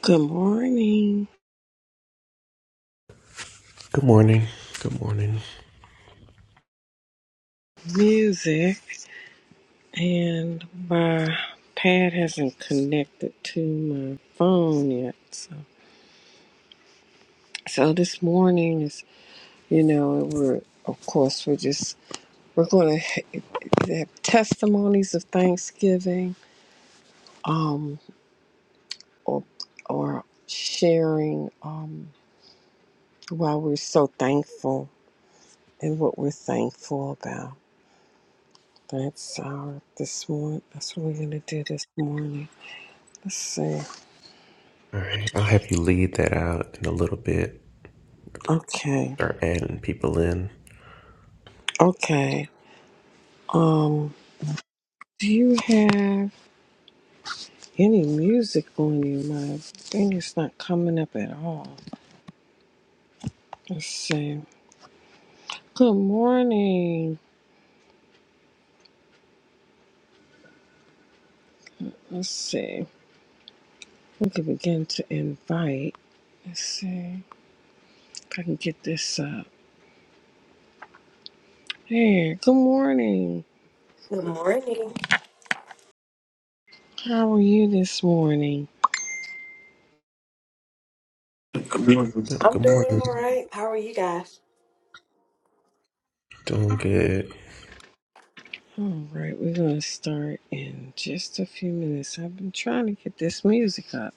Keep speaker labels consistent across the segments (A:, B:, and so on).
A: Good morning,
B: Good morning. Good morning.
A: music. And my pad hasn't connected to my phone yet. So, so this morning is, you know, we're, of course, we're just, we're going to have testimonies of Thanksgiving um, or, or sharing um, why we're so thankful and what we're thankful about. That's our this morning. That's what we're gonna do this morning. Let's see.
B: All right. I'll have you lead that out in a little bit.
A: Okay.
B: Start adding people in.
A: Okay. Um, do you have any music on you? My thing is not coming up at all. Let's see. Good morning. Let's see. We can begin to invite. Let's see if I can get this up. Hey, good morning.
C: Good morning.
A: How are you this morning?
B: Good
C: I'm
B: good
C: doing
B: morning.
C: all right. How are you guys?
B: Doing good.
A: All right, we're going to start in just a few minutes. I've been trying to get this music up.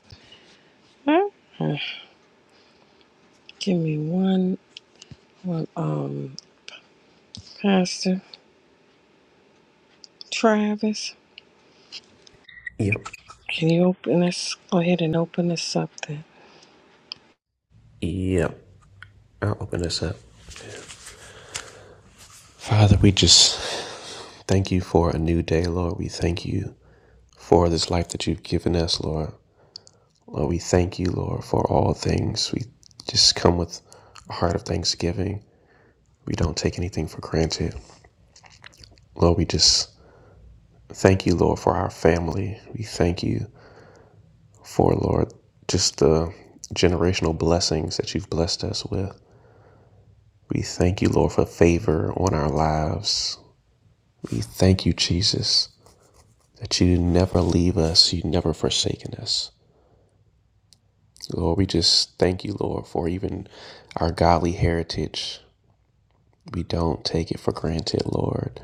A: Huh? Huh. Give me one. Well, um, Pastor Travis,
B: Yep.
A: can you open us? Go ahead and open us up then.
B: Yep. I'll open this up. Father, we just thank you for a new day, Lord. We thank you for this life that you've given us, Lord. Lord, we thank you, Lord, for all things. We just come with a heart of thanksgiving. We don't take anything for granted. Lord, we just thank you, Lord, for our family. We thank you for, Lord, just the generational blessings that you've blessed us with. We thank you, Lord, for favor on our lives. We thank you, Jesus, that you never leave us, you never forsaken us. Lord, we just thank you, Lord, for even our godly heritage. We don't take it for granted, Lord.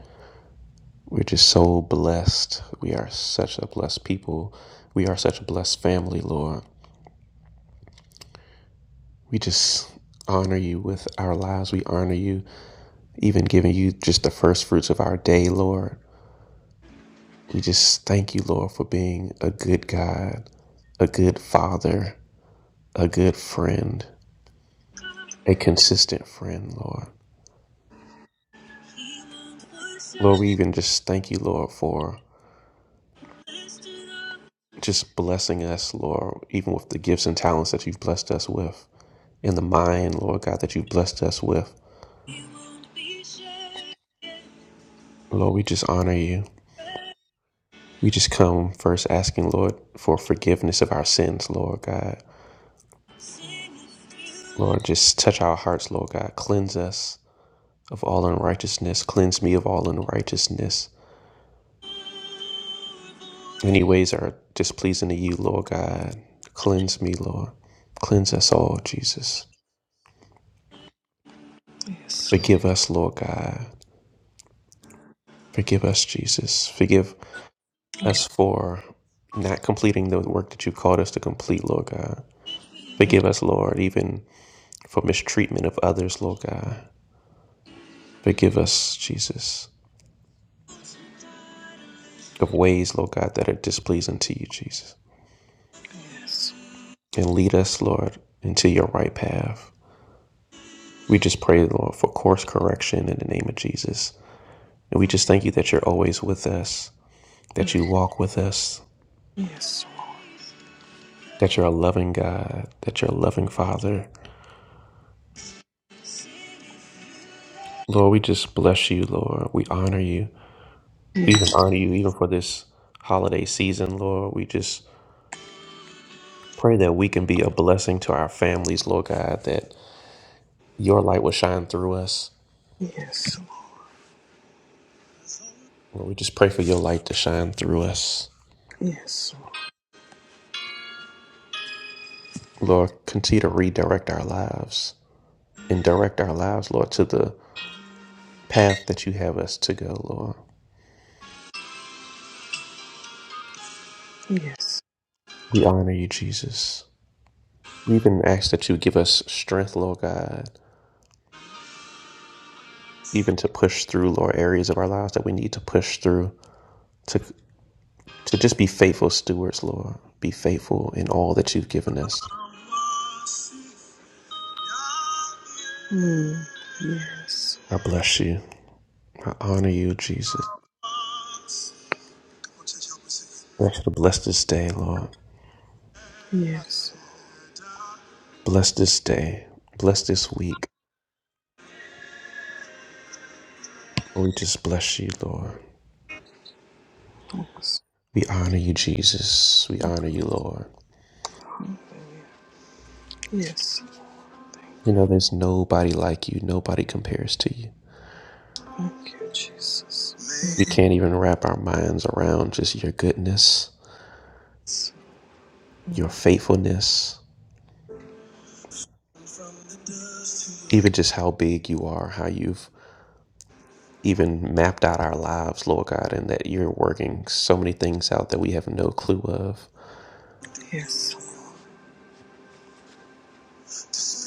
B: We're just so blessed. We are such a blessed people. We are such a blessed family, Lord. We just honor you with our lives. We honor you even giving you just the first fruits of our day, Lord. We just thank you, Lord, for being a good God, a good father, a good friend, a consistent friend, Lord. Lord, we even just thank you, Lord, for just blessing us, Lord, even with the gifts and talents that you've blessed us with, and the mind, Lord God, that you've blessed us with. Lord, we just honor you. We just come first asking, Lord, for forgiveness of our sins, Lord God. Lord, just touch our hearts, Lord God. Cleanse us of all unrighteousness. Cleanse me of all unrighteousness. Any ways are displeasing to you, Lord God. Cleanse me, Lord. Cleanse us all, Jesus.
A: Yes, Lord.
B: Forgive us, Lord God. Forgive us, Jesus. Forgive us for not completing the work that you called us to complete, Lord God. Forgive us, Lord, even for mistreatment of others, Lord God. Forgive us, Jesus, of ways, Lord God, that are displeasing to you, Jesus.
A: yes,
B: And lead us, Lord, into your right path. We just pray, Lord, for course correction in the name of Jesus. And we just thank you that you're always with us, that you walk with us,
A: yes, Lord.
B: that you're a loving God, that you're a loving Father. Lord, we just bless you, Lord. We honor you. We even
A: yes,
B: honor you even for this holiday season, Lord. We just pray that we can be a blessing to our families, Lord God, that your light will shine through us.
A: yes, Lord.
B: Lord, we just pray for your light to shine through us.
A: yes,
B: Lord, continue to redirect our lives and direct our lives, Lord, to the path that you have us to go, Lord.
A: Lord. yes,
B: We honor you, Jesus. We even ask that you give us strength, Lord God, even to push through, Lord, areas of our lives that we need to push through, to, to just be faithful stewards, Lord. Be faithful in all that you've given us.
A: mm. yes,
B: I bless you. I honor you, Jesus. I ask you to bless this day, Lord.
A: yes,
B: Bless this day. Bless this week. We just bless you, Lord. We honor you, Jesus. We honor you, Lord.
A: yes. yes.
B: We know there's nobody like you. Nobody compares to you.
A: Thank you, Jesus.
B: We
A: Yes,
B: can't even wrap our minds around just your goodness, your faithfulness, even just how big you are, how you've even mapped out our lives, Lord God, and that you're working so many things out that we have no clue of.
A: yes. Lord.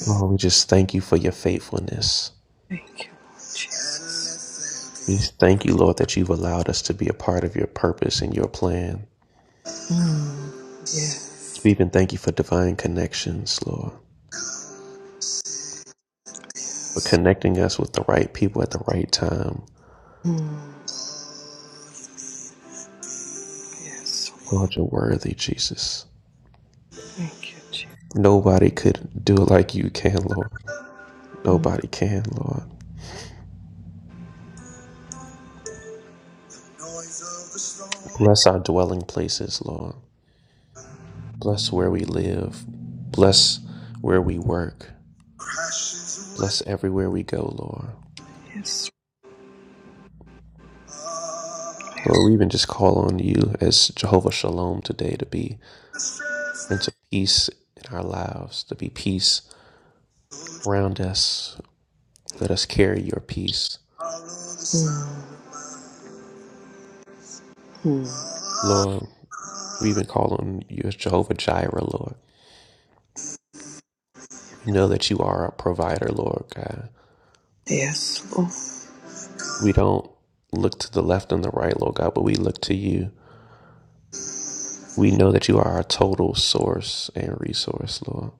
B: Lord, we just thank you for your faithfulness.
A: Thank you, Lord Jesus.
B: We just thank you, Lord, that you've allowed us to be a part of your purpose and your plan.
A: Mm.
B: We
A: Yes,
B: even thank you for divine connections, Lord, for connecting us with the right people at the right time.
A: mm. yes. Lord.
B: Lord, you're worthy, Jesus.
A: Thank you, Jesus.
B: Nobody could do it like you can, Lord.
A: Mm.
B: Nobody can, Lord.
A: Noise of the storm
B: Bless our dwelling places, Lord. Bless where we live. Bless where we work.
A: crashes
B: Bless
A: away.
B: everywhere we go, Lord.
A: Yes, Mm.
B: Lord, we even just call on you as Jehovah Shalom today to be Prince of Peace in our lives, to be peace around us. Let us carry your peace. Lord, we even call on you as Jehovah Jireh, Lord. We know that you are our provider, Lord God.
A: Yes, Lord.
B: We don't look to the left and the right, Lord God, but we look to you. We know that you are our total source and resource, Lord.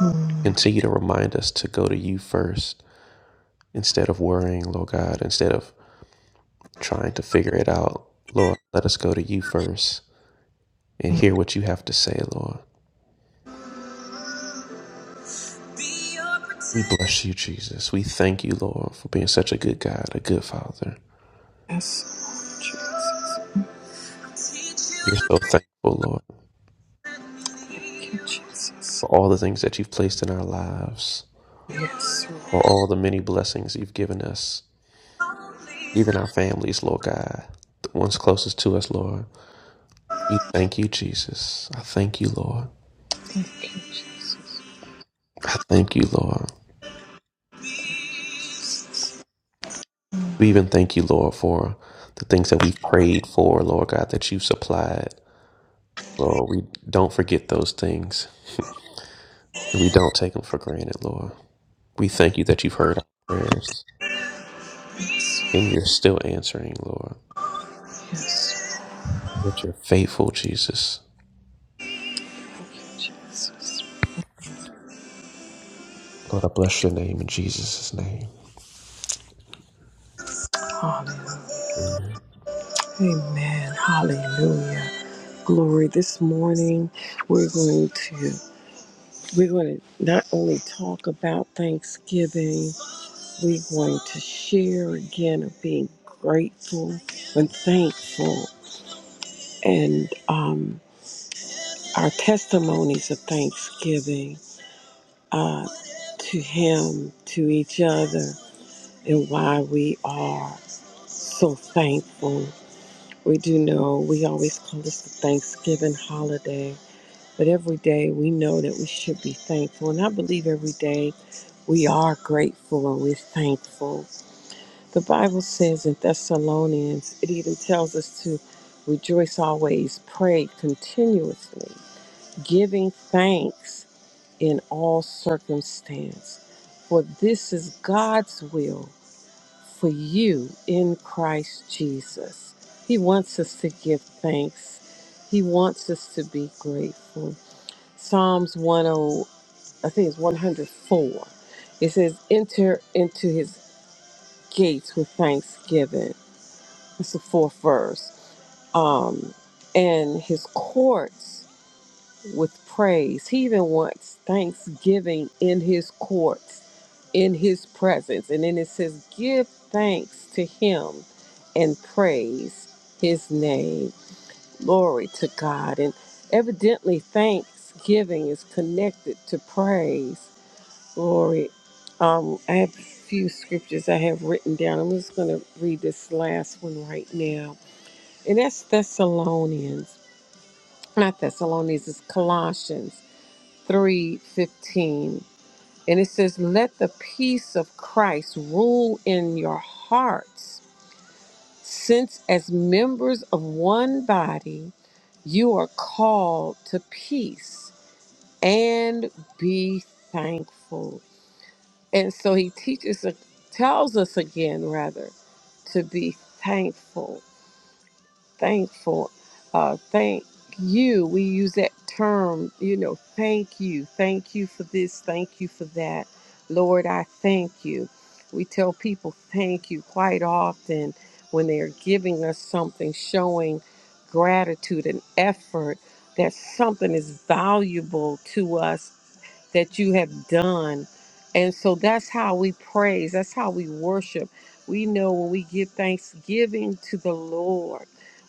A: Mm.
B: Continue to remind us to go to you first instead of worrying, Lord God, instead of trying to figure it out. Lord, let us go to you first and hear what you have to say, Lord. We bless you, Jesus. We thank you, Lord, for being such a good God, a good Father.
A: Yes, Lord Jesus.
B: We're so thankful, Lord,
A: Thank you, Jesus.
B: for all the things that you've placed in our lives,
A: Yes, Lord.
B: for all the many blessings you've given us even our families, Lord God, the ones closest to us, Lord. We thank you, Jesus. I thank you, Lord.
A: Thank you, Jesus.
B: I thank you, Lord. We even thank you, Lord, for the things that we prayed for, Lord God, that you supplied. Lord, we don't forget those things and we don't take them for granted, Lord. We thank you that you've heard our prayers and you're still answering, Lord.
A: Yes,
B: That you're faithful, Jesus.
A: Lord. thank you, Jesus.
B: Lord, I bless your name in Jesus' name.
A: Hallelujah.
B: Amen.
A: Amen. Hallelujah. Glory. This morning we're going to we're going to not only talk about Thanksgiving. We're going to share again of being grateful and thankful and um, our testimonies of thanksgiving uh, to Him, to each other, and why we are so thankful. We do know we always call this the Thanksgiving holiday, but every day we know that we should be thankful. And I believe every day we are grateful and we're thankful The Bible says in Thessalonians, it even tells us to rejoice always, pray continuously, giving thanks in all circumstance, for this is God's will for you in Christ Jesus. He wants us to give thanks. He wants us to be grateful. Psalms 10, I think it's 104. It says, enter into his gates with thanksgiving it's the fourth verse. Um, and his courts with praise. He even wants thanksgiving in his courts, in his presence. And then it says, Give thanks to him and praise his name. Glory to God. And evidently, thanksgiving is connected to praise. Glory. Um, I have a few scriptures I have written down. I'm just going to read this last one right now and that's Thessalonians, not Thessalonians, it's Colossians 3:15. And it says, "Let the peace of Christ rule in your hearts, since as members of one body, you are called to peace and be thankful." And so he teaches tells us again rather to be thankful thankful. Uh, thank you. We use that term, you know, thank you. Thank you for this. Thank you for that. Lord, I thank you. We tell people thank you quite often when they are giving us something, showing gratitude and effort that something is valuable to us that you have done. And so that's how we praise, that's how we worship. We know when we give thanksgiving to the Lord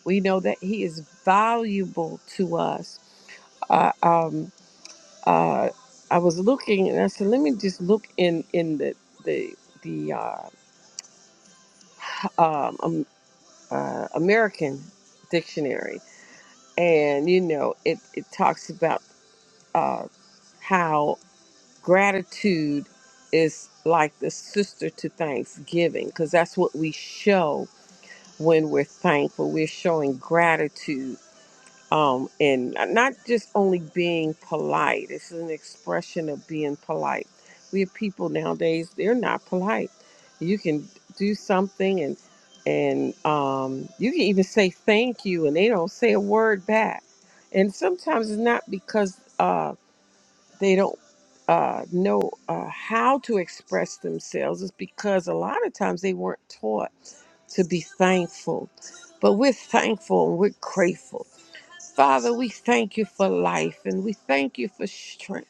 A: we know that He is valuable to us. Uh, um, uh, I was looking, and I said, let me just look in in the the the uh, um, um, uh, American dictionary, and you know, it it talks about uh, how gratitude is like the sister to thanksgiving, because that's what we show when we're thankful. We're showing gratitude um, and not just only being polite. It's an expression of being polite. We have people nowadays; they're not polite. You can do something, and and um, you can even say thank you, and they don't say a word back. And sometimes it's not because uh, they don't uh, know uh, how to express themselves. It's because a lot of times they weren't taught to be thankful. But we're thankful and we're grateful Father, we thank you for life and we thank you for strength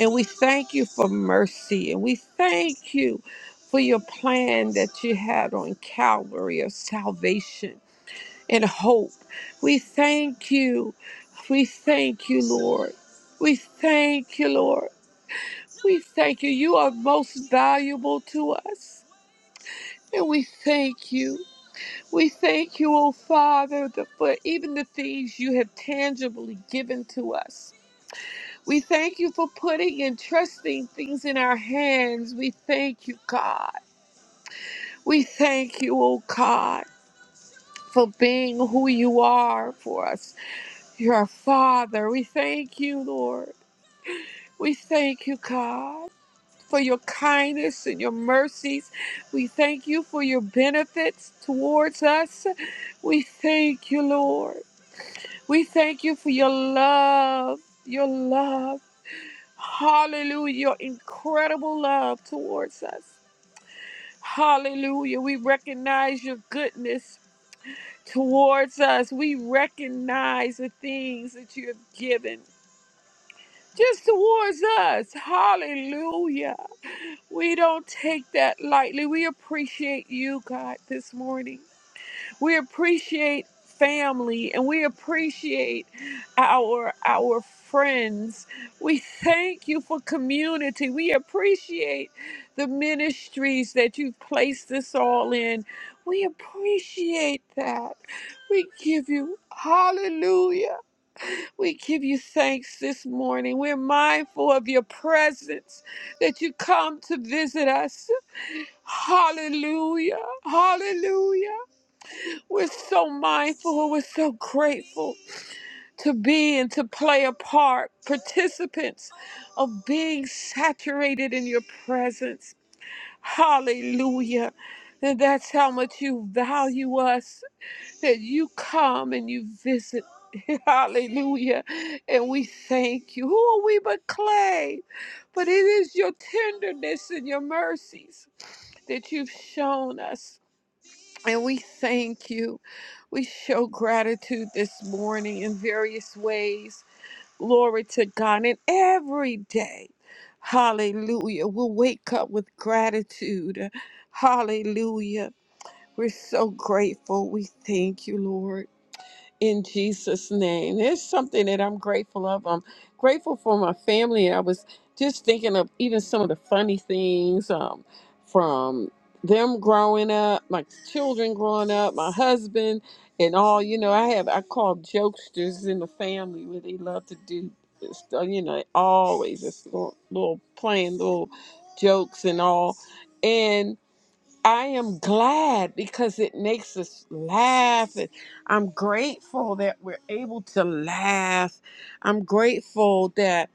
A: and we thank you for mercy and we thank you for your plan that you had on Calvary of salvation and hope. We thank you. We thank you, Lord. We thank you, Lord. We thank you. You are most valuable to us. And we thank you. We thank you, O Father, that for even the things you have tangibly given to us. We thank you for putting and trusting things in our hands. We thank you, God. We thank you, oh God, for being who you are for us. You're our Father. We thank you, Lord. We thank you, God, for your kindness and your mercies. We thank you for your benefits towards us. We thank you, Lord. We thank you for your love, your love. Hallelujah. Your incredible love towards us. Hallelujah. We recognize your goodness towards us. We recognize the things that you have given just towards us. Hallelujah. We don't take that lightly. We appreciate you, God, this morning. We appreciate family and we appreciate our our friends. We thank you for community. We appreciate the ministries that you've placed us all in. We appreciate that. We give you hallelujah. We give you thanks this morning. We're mindful of your presence that you come to visit us. Hallelujah. Hallelujah. We're so mindful, we're so grateful to be and to play a part, participants of being saturated in your presence. Hallelujah. And that's how much you value us, that you come and you visit. Hallelujah. And we thank you. Who are we but clay? But it is your tenderness and your mercies that you've shown us. And we thank you. We show gratitude this morning in various ways. Glory to God. And every day, hallelujah, we'll wake up with gratitude. Hallelujah. We're so grateful. We thank you, Lord in Jesus' name. It's something that I'm grateful of. I'm grateful for my family. I was just thinking of even some of the funny things um, from them growing up, my children growing up, my husband, and all. You know, I have I call jokesters in the family where they love to do this, uh, you know, always just little, little playing little jokes and all. I am glad because it makes us laugh. And I'm grateful that we're able to laugh. I'm grateful that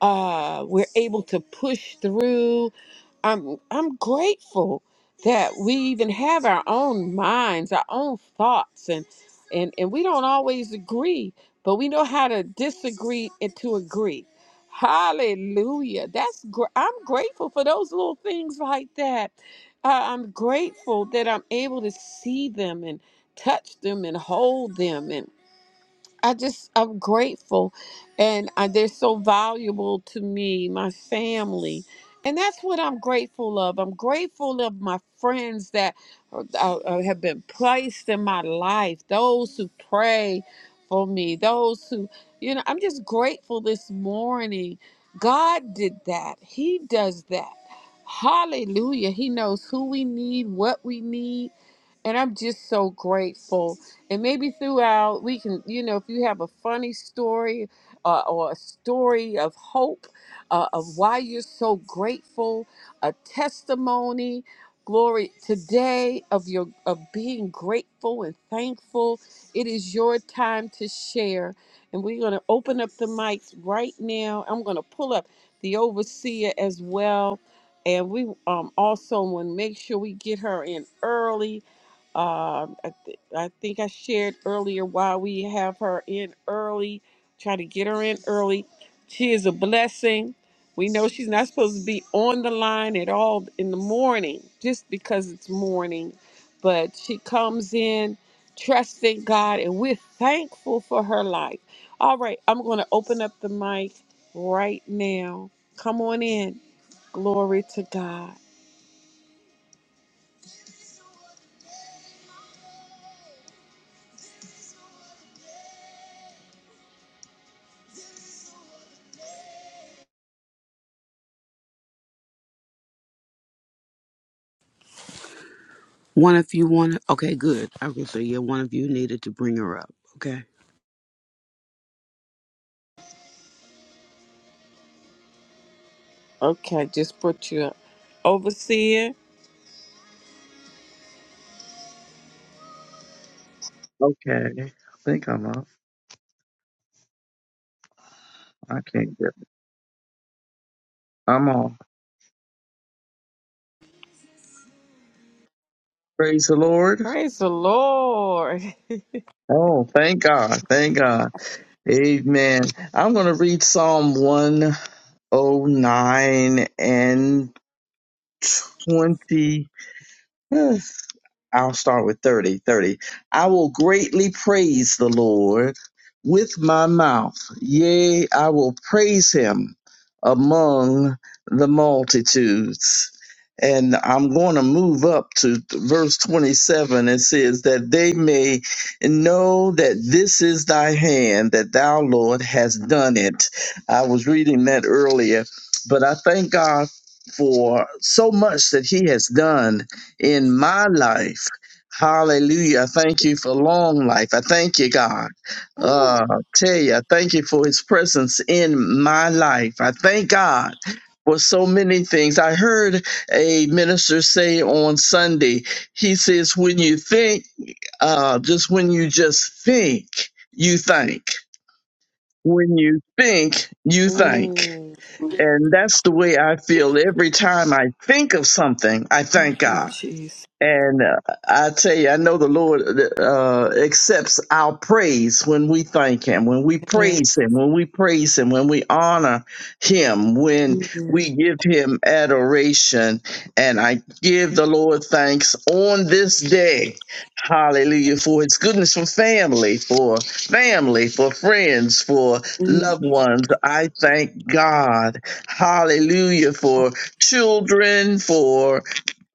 A: uh, we're able to push through. I'm I'm grateful that we even have our own minds, our own thoughts, and and and we don't always agree, but we know how to disagree and to agree. Hallelujah! That's gr- I'm grateful for those little things like that. Uh, I'm grateful that I'm able to see them and touch them and hold them I just I'm grateful, and I, they're so valuable to me, my family, and that's what I'm grateful of. I'm grateful of my friends that are, are- are- have been placed in my life, those who pray for me, those who you know. I'm just grateful this morning. God did that. He does that. Hallelujah. He knows who we need, what we need and I'm just so grateful. And maybe throughout, we can, you know, if you have a funny story uh, or a story of hope, uh, of why you're so grateful, a testimony, glory today of your of being grateful and thankful. It is your time to share, and we're going to open up the mics right now. I'm going to pull up the overseer as well. And we um, also want to make sure we get her in early um, I, th- I think I shared earlier why we have her in early, try to get her in early. She is a blessing. We know she's not supposed to be on the line at all in the morning just because it's morning, but she comes in trusting God and we're thankful for her life. All right, I'm going to open up the mic right now. Come on in. Glory to God.
D: One of you wanted, okay, good. I was gonna say, yeah, one of you needed to bring her up. Okay.
A: Okay, I just put you up. Overseer.
E: Okay, I think I'm off. I can't get. I'm off. Praise the Lord.
A: Praise the Lord.
E: Oh, thank God. Thank God. Amen. I'm going to read Psalm 109 and 20. I'll start with 30. 30. I will greatly praise the Lord with my mouth. Yea, I will praise him among the multitudes. And I'm going to move up to verse 27. It says, That they may know that this is thy hand, that thou, Lord, hast done it. I was reading that earlier, but I thank God for so much that he has done in my life. Hallelujah. I thank you for long life. I thank you, God. Uh,
A: Ooh.
E: I tell you, I thank you for his presence in my life. I thank God for so many things. I heard a minister say on Sunday, he says, when you think, uh, just when you just think, you think. When you think, you think.
A: Mm.
E: And that's the way I feel every time I think of something. I thank
A: Thank you,
E: God
A: Jesus.
E: and uh, I tell you, I know the Lord uh, accepts our praise when we thank Him, when we
A: Yeah.
E: praise Him, when we praise Him, when we honor Him, when
A: Mm,
E: we give Him adoration. And I give the Lord thanks on this day. Hallelujah. For His goodness, for family, for family, for friends, for
A: mm,
E: loved ones. I thank God. Hallelujah. For children,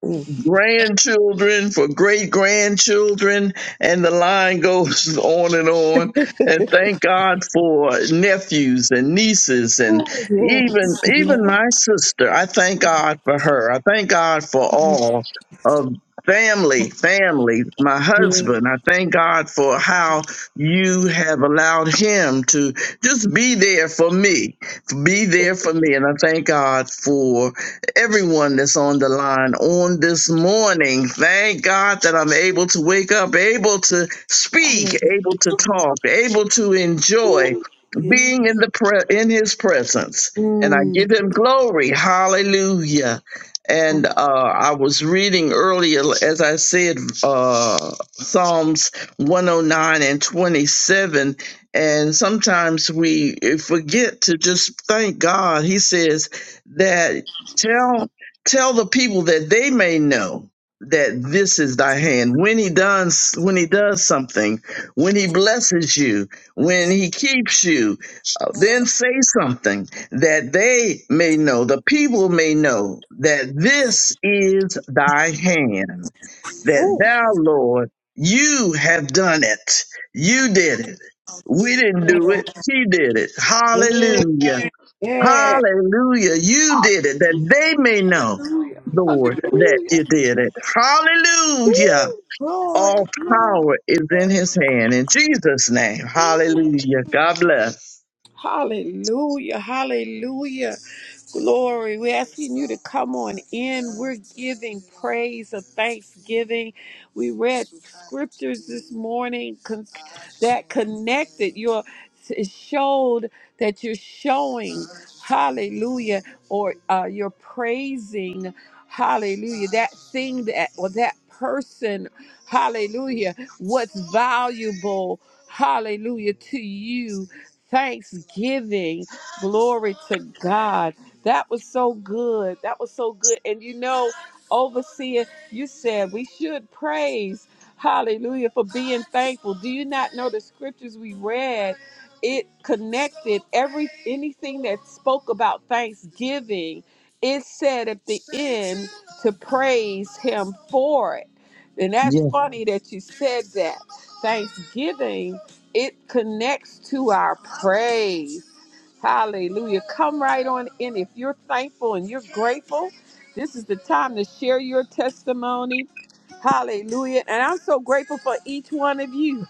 A: mm.
E: grandchildren, for great grandchildren, and the line goes on and on. And thank God for nephews and nieces,
A: Oh,
E: and even
A: Yeah.
E: even my sister. I thank God for her. I thank God for all of family, family. My
A: Yeah.
E: husband. I thank God for how you have allowed him to just be there for me, be there
A: yeah.
E: for me, and I thank God for everyone that's on the line on this morning. Thank God that I'm able to wake up, able to speak,
A: Hallelujah.
E: able to talk, able to enjoy
A: yeah. Yeah.
E: being in the pre- in His presence, and I
A: Mm.
E: give Him glory. Hallelujah. And uh, I was reading earlier, as I said, uh, Psalms 109 and 27. And sometimes we forget to just thank God. He says, that Tell tell the people that they may know that this is thy hand. When he does when he does something, when he blesses you, when he keeps you, uh, then say something that they may know, the people may know that this is thy hand,
A: Oh,
E: that thou, Lord, you have done it. You did it. We didn't do it. He did it.
A: yeah.
E: Hallelujah.
A: yeah.
E: Hallelujah. You did it that they may know,
A: Hallelujah.
E: Lord, that
A: Hallelujah.
E: you did it. Hallelujah.
A: Ooh, glory,
E: All
A: glory.
E: power is in his hand. In Jesus' name. Hallelujah. God bless.
A: Hallelujah. Hallelujah. Glory, we're asking you to come on in. We're giving praise of thanksgiving. We read scriptures this morning con- that connected your it showed that you're showing hallelujah or uh, you're praising hallelujah that thing that or that person hallelujah what's valuable hallelujah to you thanksgiving glory to god that was so good. That was so good. And you know, overseer, you said we should praise, hallelujah, for being thankful. Do you not know the scriptures we read? It connected every anything that spoke about thanksgiving. It said at the end to praise him for it. And that's
E: Yes.
A: funny that you said that. Thanksgiving, it connects to our praise. Hallelujah. Come right on in. If you're thankful and you're grateful, this is the time to share your testimony. Hallelujah. And I'm so grateful for each one of you.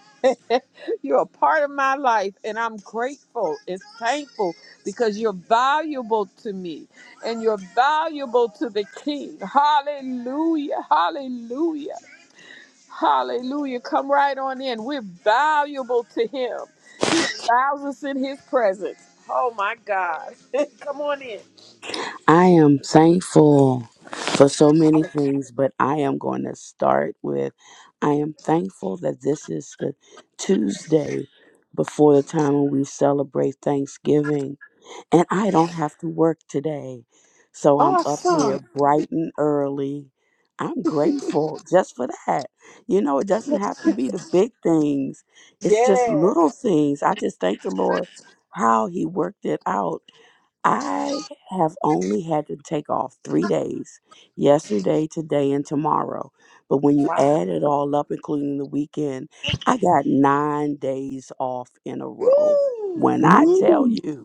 A: you're a part of my life, and I'm grateful and thankful because you're valuable to me and you're valuable to the King. Hallelujah. Hallelujah. Hallelujah. Come right on in. We're valuable to him. He allows us in his presence. Oh my God. Come on in.
D: I am thankful for so many things, but I am going to start with I am thankful that this is the Tuesday before the time when we celebrate Thanksgiving. And I don't have to work today. So I'm up here
A: Awesome.
D: bright and early. I'm grateful just for that. You know, it doesn't have to be the big things, it's just
A: Yeah.
D: little things. I just thank the Lord how He worked it out. I have only had to take off three days yesterday, today, and tomorrow. But when you
A: Wow.
D: add it all up, including the weekend, I got nine days off in a row. When
A: Woo.
D: I tell
E: Ooh,
D: you,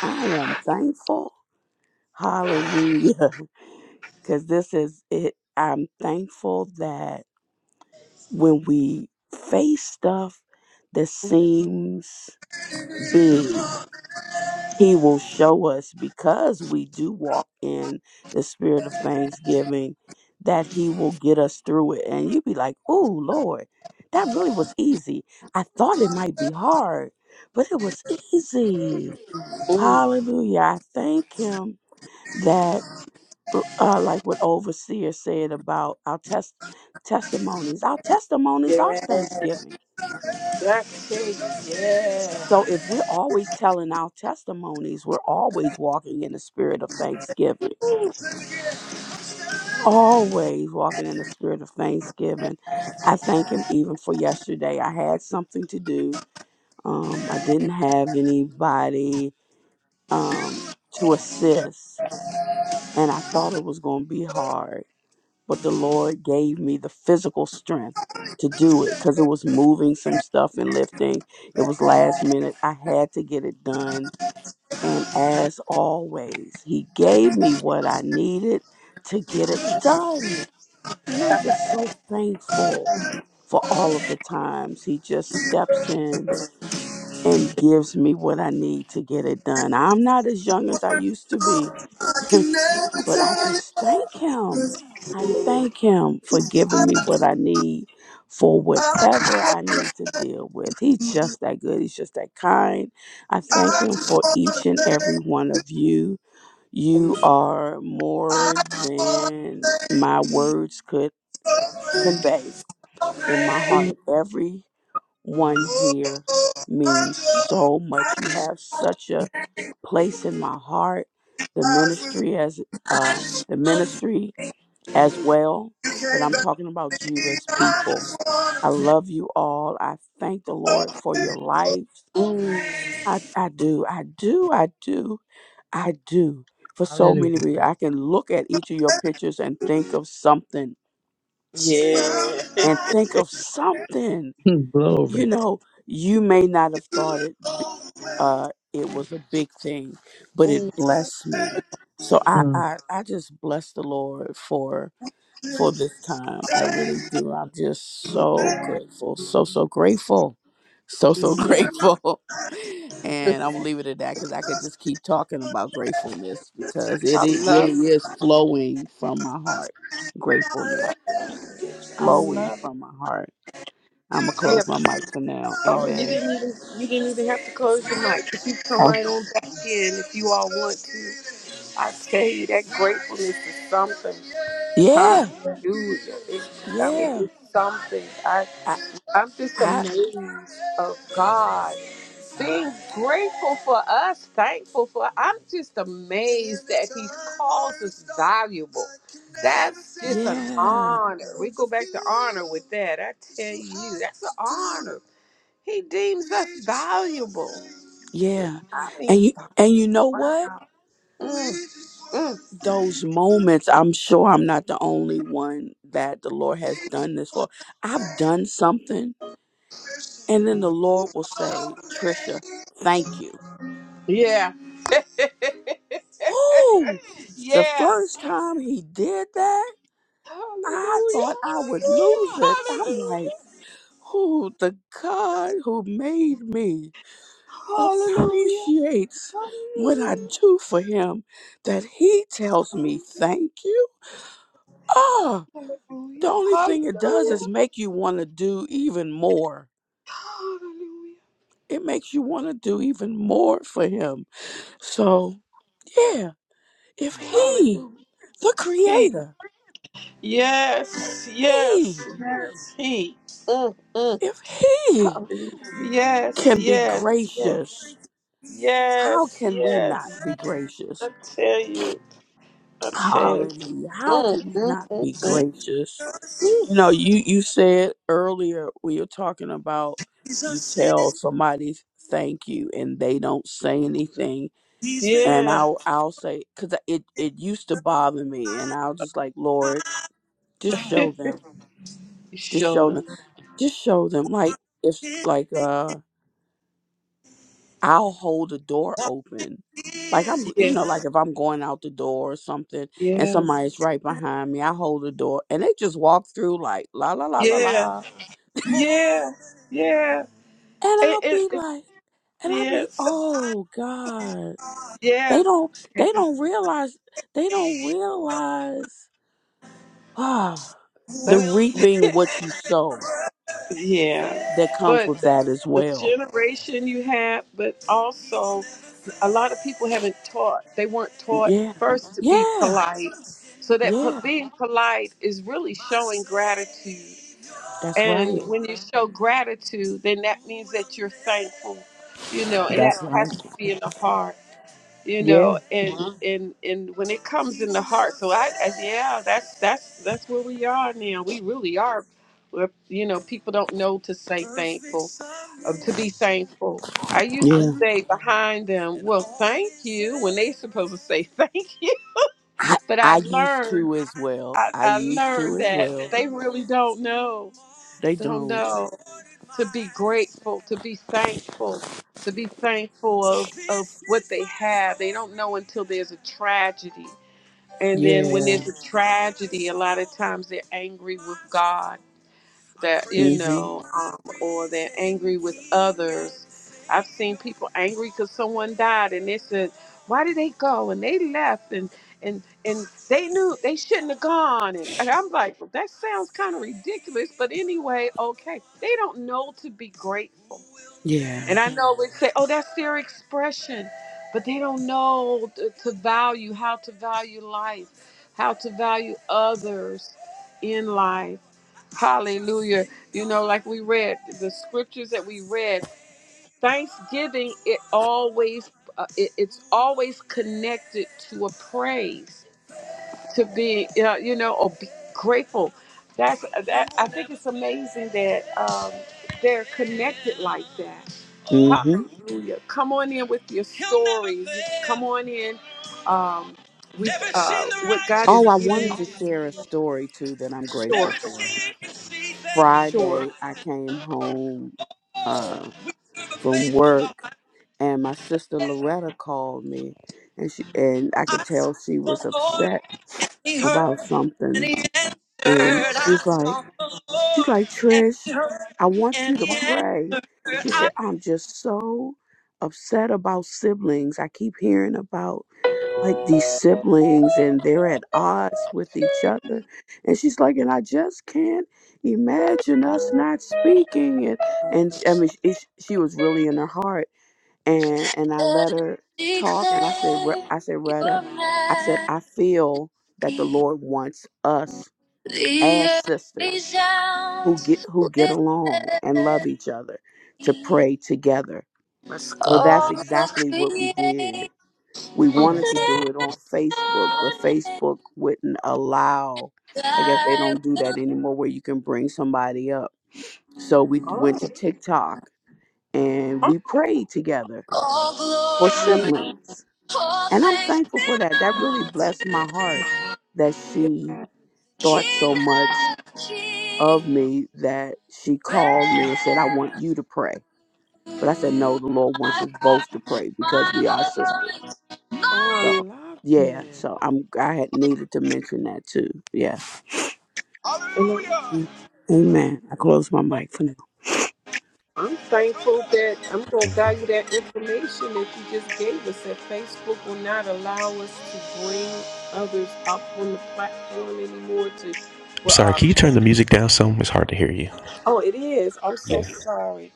D: I am thankful. Hallelujah. Because this is it. I'm thankful that when we face stuff that seems big, He will show us because we do walk in the spirit of thanksgiving that He will get us through it. And you'd be like, oh, Lord, that really was easy. I thought it might be hard, but it was easy.
A: Ooh.
D: Hallelujah. I thank Him that. uh, like what overseer said about our test testimonies our testimonies
A: Yeah.
D: are thanksgiving
A: That's it. Yeah.
D: so if we're always telling our testimonies we're always walking in the spirit of thanksgiving always walking in the spirit of thanksgiving i thank him even for yesterday i had something to do um i didn't have anybody um to assist and i thought it was going to be hard but the Lord gave me the physical strength to do it because it was moving some stuff and lifting. It was last minute. I had to get it done. And as always, He gave me what I needed to get it done. And I'm just so thankful for all of the times He just steps in and gives me what I need to get it done. I'm not as young as I used to be. But I just thank him. I thank him for giving me what I need for whatever I need to deal with. He's just that good. He's just that kind. I thank
A: I
D: him
A: just
D: for
A: want to
D: each and every
A: say,
D: one of you. You are
A: I
D: more
A: just want to
D: than
A: say,
D: my words could
A: something.
D: convey in my heart. Everyone
A: oh,
D: here
A: oh, I
D: means
A: just,
D: so
A: I
D: much. You have such a place in my heart. The
A: just,
D: ministry as
A: I
D: uh, the
A: just,
D: ministry as well,
A: you
D: but
A: came
D: I'm
A: back
D: talking
A: to
D: about you
A: me.
D: as
A: I
D: people.
A: just want
D: I
A: to
D: love you all. I thank the Lord for your
A: Mm.
D: lives. I, I do, I do, I do, I do. For so
E: hallelujah.
D: many reasons, I can look at each of your pictures and think of something
A: Yeah.
D: and think of something, you
E: Glory.
D: know, you may not have thought it, b- uh, it was a big thing, but
A: Mm.
D: it blessed me. So I,
E: Mm.
D: I, I just bless the Lord for for this time. I really do. I'm just so grateful. So, so grateful. So, so grateful. And I'm gonna leave it at that because I could just keep talking about gratefulness because it,
A: I
D: it
A: love
D: really
A: it.
D: is flowing from my heart. Gratefulness. It's
A: I
D: flowing
A: love it.
D: from my heart. I'm gonna
A: You
D: close
A: have,
D: my mic for now.
A: oh, you
D: Amen.
A: didn't even you didn't even have to close your mic. If You come
D: Oh.
A: right on back in if you all want to. I tell you that gratefulness is something.
D: Yeah,
A: Hallelujah. It's, I mean,
D: yeah.
A: it's something. I
D: I
A: I'm just
D: I
A: amazed of God. Being grateful for us, thankful for, I'm just amazed that He calls us valuable. That's just an
D: yeah,
A: honor. We go back to honor with that. I tell you, that's an honor. He deems us valuable.
D: yeah.
A: I
D: And
A: mean,
D: you and you
A: valuable.
D: know what?
A: Mm, mm.
D: those moments, I'm sure I'm not the only one that the Lord has done this for. I've done something, and then the Lord will say, Trisha, thank you.
A: Yeah.
D: Whoo! The
A: Yeah.
D: first time he did that,
A: Hallelujah.
D: I thought I would lose
A: Hallelujah.
D: it. I'm like, who the God who made me
A: Hallelujah. Hallelujah.
D: appreciates what I
A: Hallelujah.
D: do for him that he tells me thank you? Ah! The
A: Hallelujah.
D: only thing it does
A: Hallelujah.
D: is make you want to do even more.
A: Hallelujah.
D: It makes you want to do even more for him. So, yeah, if
A: Hallelujah.
D: he, the
A: He.
D: creator,
A: Yes. Yes.
D: he,
A: Yes. He. Mm, mm.
D: if he
A: Hallelujah. Yes.
D: can be
A: Yes. Yes.
D: gracious, how
A: Yes.
D: can we not
A: Yes.
D: be gracious?
A: I tell you. I tell you.
D: Hallelujah. How
A: Mm,
D: can we
A: mm,
D: not
A: mm,
D: be gracious?
A: mm. Woo.
D: You know, you, you said earlier we were talking about you tell somebody thank you and they don't say anything and
A: Yeah.
D: I'll I'll say because it it used to bother me, and I'll just like Lord, just show them, just show
A: Shoulder.
D: them, just show them. Like if like uh, I'll hold the door open, like I'm you
A: Yeah.
D: know like if I'm going out the door or something, and
A: Yes.
D: somebody's right behind me, I hold the door, and they just walk through like la la la la
A: Yeah.
D: la, and
A: Yeah. Yeah. It,
D: I'll
A: it,
D: be
A: it,
D: like, and I'll
A: yeah.
D: be oh God,
A: Yeah.
D: they don't they don't realize they don't realize. Ah, the
A: That's-
D: reaping what you sow
A: yeah.
D: that comes
A: But
D: with that as
A: the
D: well.
A: generation you have, but also a lot of people haven't taught. They weren't taught
D: Yeah.
A: first to be
D: Yeah.
A: polite. So that po-
D: Yeah.
A: being polite is really showing gratitude.
D: That's right.
A: And when you show gratitude, then that means that you're thankful, you know, and
D: That's
A: that has
D: right.
A: to be in the heart. you
D: Yeah.
A: know and Mhm. and and when it comes in the heart so I, I yeah that's that's that's where we are now we really are we're, you know people don't know to say thankful or to be thankful i used to
D: Yeah.
A: say behind them well thank you when they supposed to say thank you
D: I
A: but i
D: I used
A: learned
D: to as well.
A: i,
D: I
A: I
D: used to
A: learned
D: as
A: that
D: well.
A: they really don't know
D: They
A: don't
D: don't.
A: know to be grateful, to be thankful, to be thankful of, of what they have. They don't know until there's a tragedy. And then when
D: Yeah.
A: there's a tragedy, a lot of times they're angry with God that you
D: Mhm.
A: know, um, or they're angry with others. I've seen people angry because someone died, and they said, "Why did they go?" and they left, and and and they knew they shouldn't have gone. And, and I'm like, well, that sounds kind of ridiculous, but anyway, okay. They don't know to be grateful.
D: Yeah.
A: And I know we say, oh, that's their expression, but they don't know t- to value, how to value life, how to value others in life. Hallelujah. You know, like we read the scriptures that we read, Thanksgiving, it always, uh, it, it's always connected to a praise to be you know, you know or be grateful that's that i think it's amazing that um, they're connected like that
D: Mhm.
A: hallelujah come on in with your story come on in um, with uh, what god is
D: Oh, I
A: giving
D: wanted
A: you
D: to share a story too that I'm grateful
A: sure
D: for.
A: sure
D: Friday, I came home uh from work and my sister Loretta called me, and she and I could tell she was upset
A: he heard
D: about
A: and
D: something,
A: he answered.
D: and
A: I
D: she's like,
A: sought the
D: she's
A: Lord
D: like Trish, I want
A: and
D: you to
A: he heard
D: pray. She said,
A: I
D: I'm just so upset about siblings. I keep hearing about like these siblings and they're at odds with each other, and she's like, and I just can't imagine us not speaking. And and I mean, she, she was really in her heart and and I let her talk, and I said, "Re-
A: declare
D: I said, Retta,
A: your
D: I said, I
A: majesty.
D: feel that the Lord wants us
A: The
D: as
A: earth
D: sisters who get
A: resounds
D: who get
A: with
D: along and love
A: melody.
D: each other to pray together.
A: Let's go.
D: So that's
A: All of
D: exactly what we did.
A: creation
D: We
A: Oh, that's-
D: wanted to do it on
A: lifts
D: Facebook, but
A: your name.
D: Facebook wouldn't allow. I guess they
A: Thy
D: don't do that anymore, where you can bring somebody up. So we
A: All
D: went to
A: right.
D: TikTok and
A: Oh.
D: we prayed together
A: All
D: for
A: glory, Yeah.
D: siblings
A: all
D: And I'm
A: thanks
D: thankful for that. That really
A: belong to
D: blessed my heart that
A: you,
D: she thought so
A: King
D: much
A: of
D: of
A: kings.
D: me that she called me and said, I want
A: Forever
D: you to pray.
A: to
D: But I said, No, the Lord wants
A: my
D: us
A: heart.
D: both to pray
A: My
D: because we are sisters.
A: I
D: So
A: love
D: yeah,
A: it.
D: so I'm I had needed to mention that too. Yeah.
A: I Hallelujah.
D: Amen. I close my mic for now.
A: I'm thankful that I'm going to
B: I'm
A: value that information that you just gave us. That Facebook will not allow us to bring others up on the platform anymore. To well,
B: sorry,
A: our,
B: can you turn the music down some? It's hard to hear you.
A: oh, it is. I'm so
B: Yeah.
A: sorry.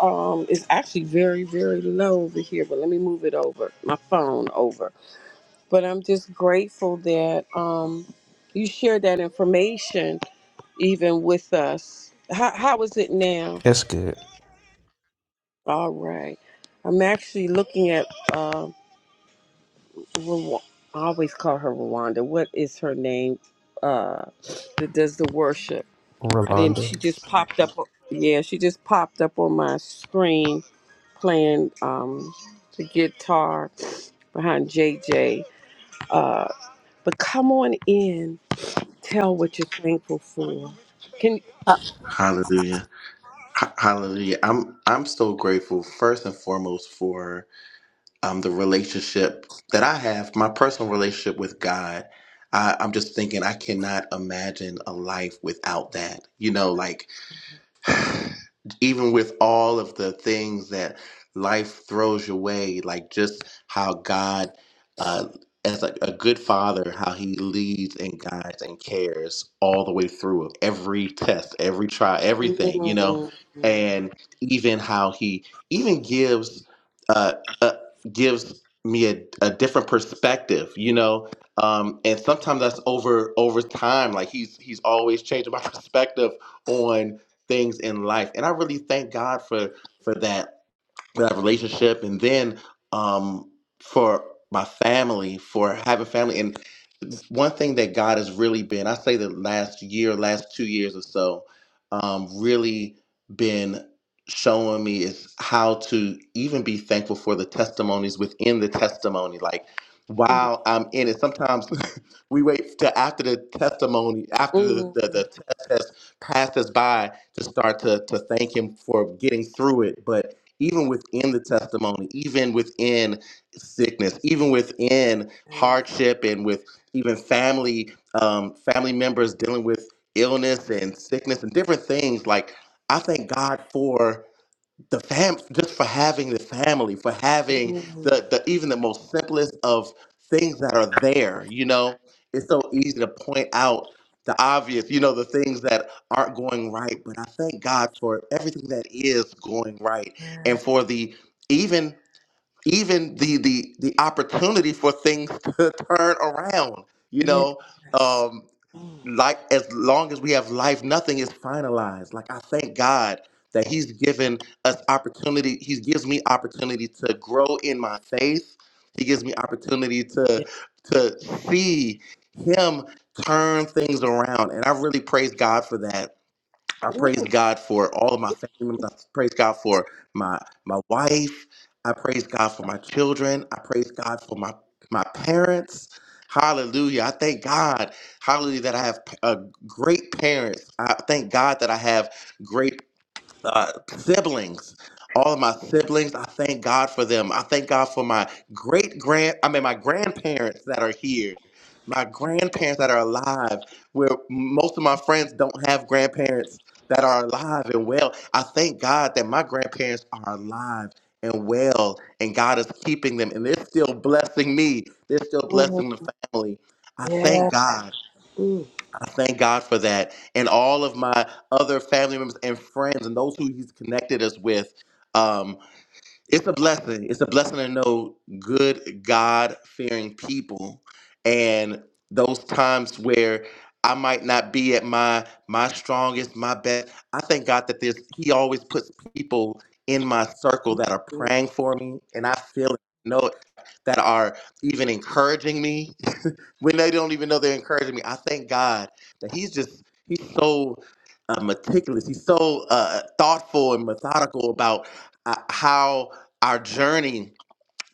A: Um, it's actually very, very low over here. But let me move it over. My phone over. But I'm just grateful that um, you shared that information even with us. How, how is it now?
B: That's good.
A: All right. I'm actually looking at, uh, Rwa- I always call her Rwanda. What is her name uh, that does the worship? I didn't,
B: Rolanda.
A: she just popped up. Yeah, she just popped up on my screen playing um, the guitar behind JJ. Uh, but come on in, tell what you're thankful for. Can,
F: Uh,
G: Hallelujah. Ha- Hallelujah. I'm I'm so grateful first and foremost for um the relationship that I have, my personal relationship with God. I, I'm just thinking I cannot imagine a life without that. You know, like even with all of the things that life throws your way, like just how God, uh, as a, a good father, how he leads and guides and cares all the way through every test, every trial, everything, you know, and even how he even gives, uh, uh gives me a, a different perspective, you know, um, and sometimes that's over over time. Like he's he's always changing my perspective on things in life. And I really thank God for for that that relationship and then um for my family for having family and one thing that god has really been i say the last year last two years or so um really been showing me is how to even be thankful for the testimonies within the testimony like while i'm in it sometimes we wait to after the testimony after the,
A: Mm.
G: the, the test has passed us by to start to, to thank him for getting through it but even within the testimony, even within sickness, even within
A: Mm.
G: hardship, and with even family um, family members dealing with illness and sickness and different things. Like I thank God for the fam just for having the family for having
A: Mm,
G: the, the even the most simplest of things that are there you know it's so easy to point out the obvious you know the things that aren't going right but i thank god for everything that is going right and for the even even the the the opportunity for things to turn around you
A: yeah,
G: know
A: Yes.
G: Um,
A: Mm,
G: like as long as we have life, nothing is finalized. Like I thank God that He's given us opportunity. He gives me opportunity to grow in my faith. He gives me opportunity
A: yeah.
G: to to see Him turn things around, and I really praise God for that. I
A: Ooh,
G: praise God for all of my family members. I praise God for my my wife. I praise God for my children. I praise God for my my parents. Hallelujah. I thank God. Hallelujah that I have uh, great parents. I thank God that I have great uh, siblings. All of my siblings, I thank God for them. I thank God for my great grand, I mean, my grandparents that are here, my grandparents that are alive, where most of my friends don't have grandparents that are alive and well. I thank God that my grandparents are alive and well, and God is keeping them, and they're still blessing me. They're still
A: mm,
G: blessing the family. I
A: yeah.
G: thank God.
A: Mm,
G: I thank God for that. And all of my other family members and friends and those who He's connected us with. Um, it's a blessing. It's a blessing to know good, God fearing people. And those times where I might not be at my my strongest, my best. I thank God that there's He always puts people in my circle that are
A: mm,
G: praying for me and I feel it, know it, that are even encouraging me when they don't even know they're encouraging me. I thank God that He's just He's so uh, meticulous. He's so uh, uh, thoughtful and methodical about uh, how our journey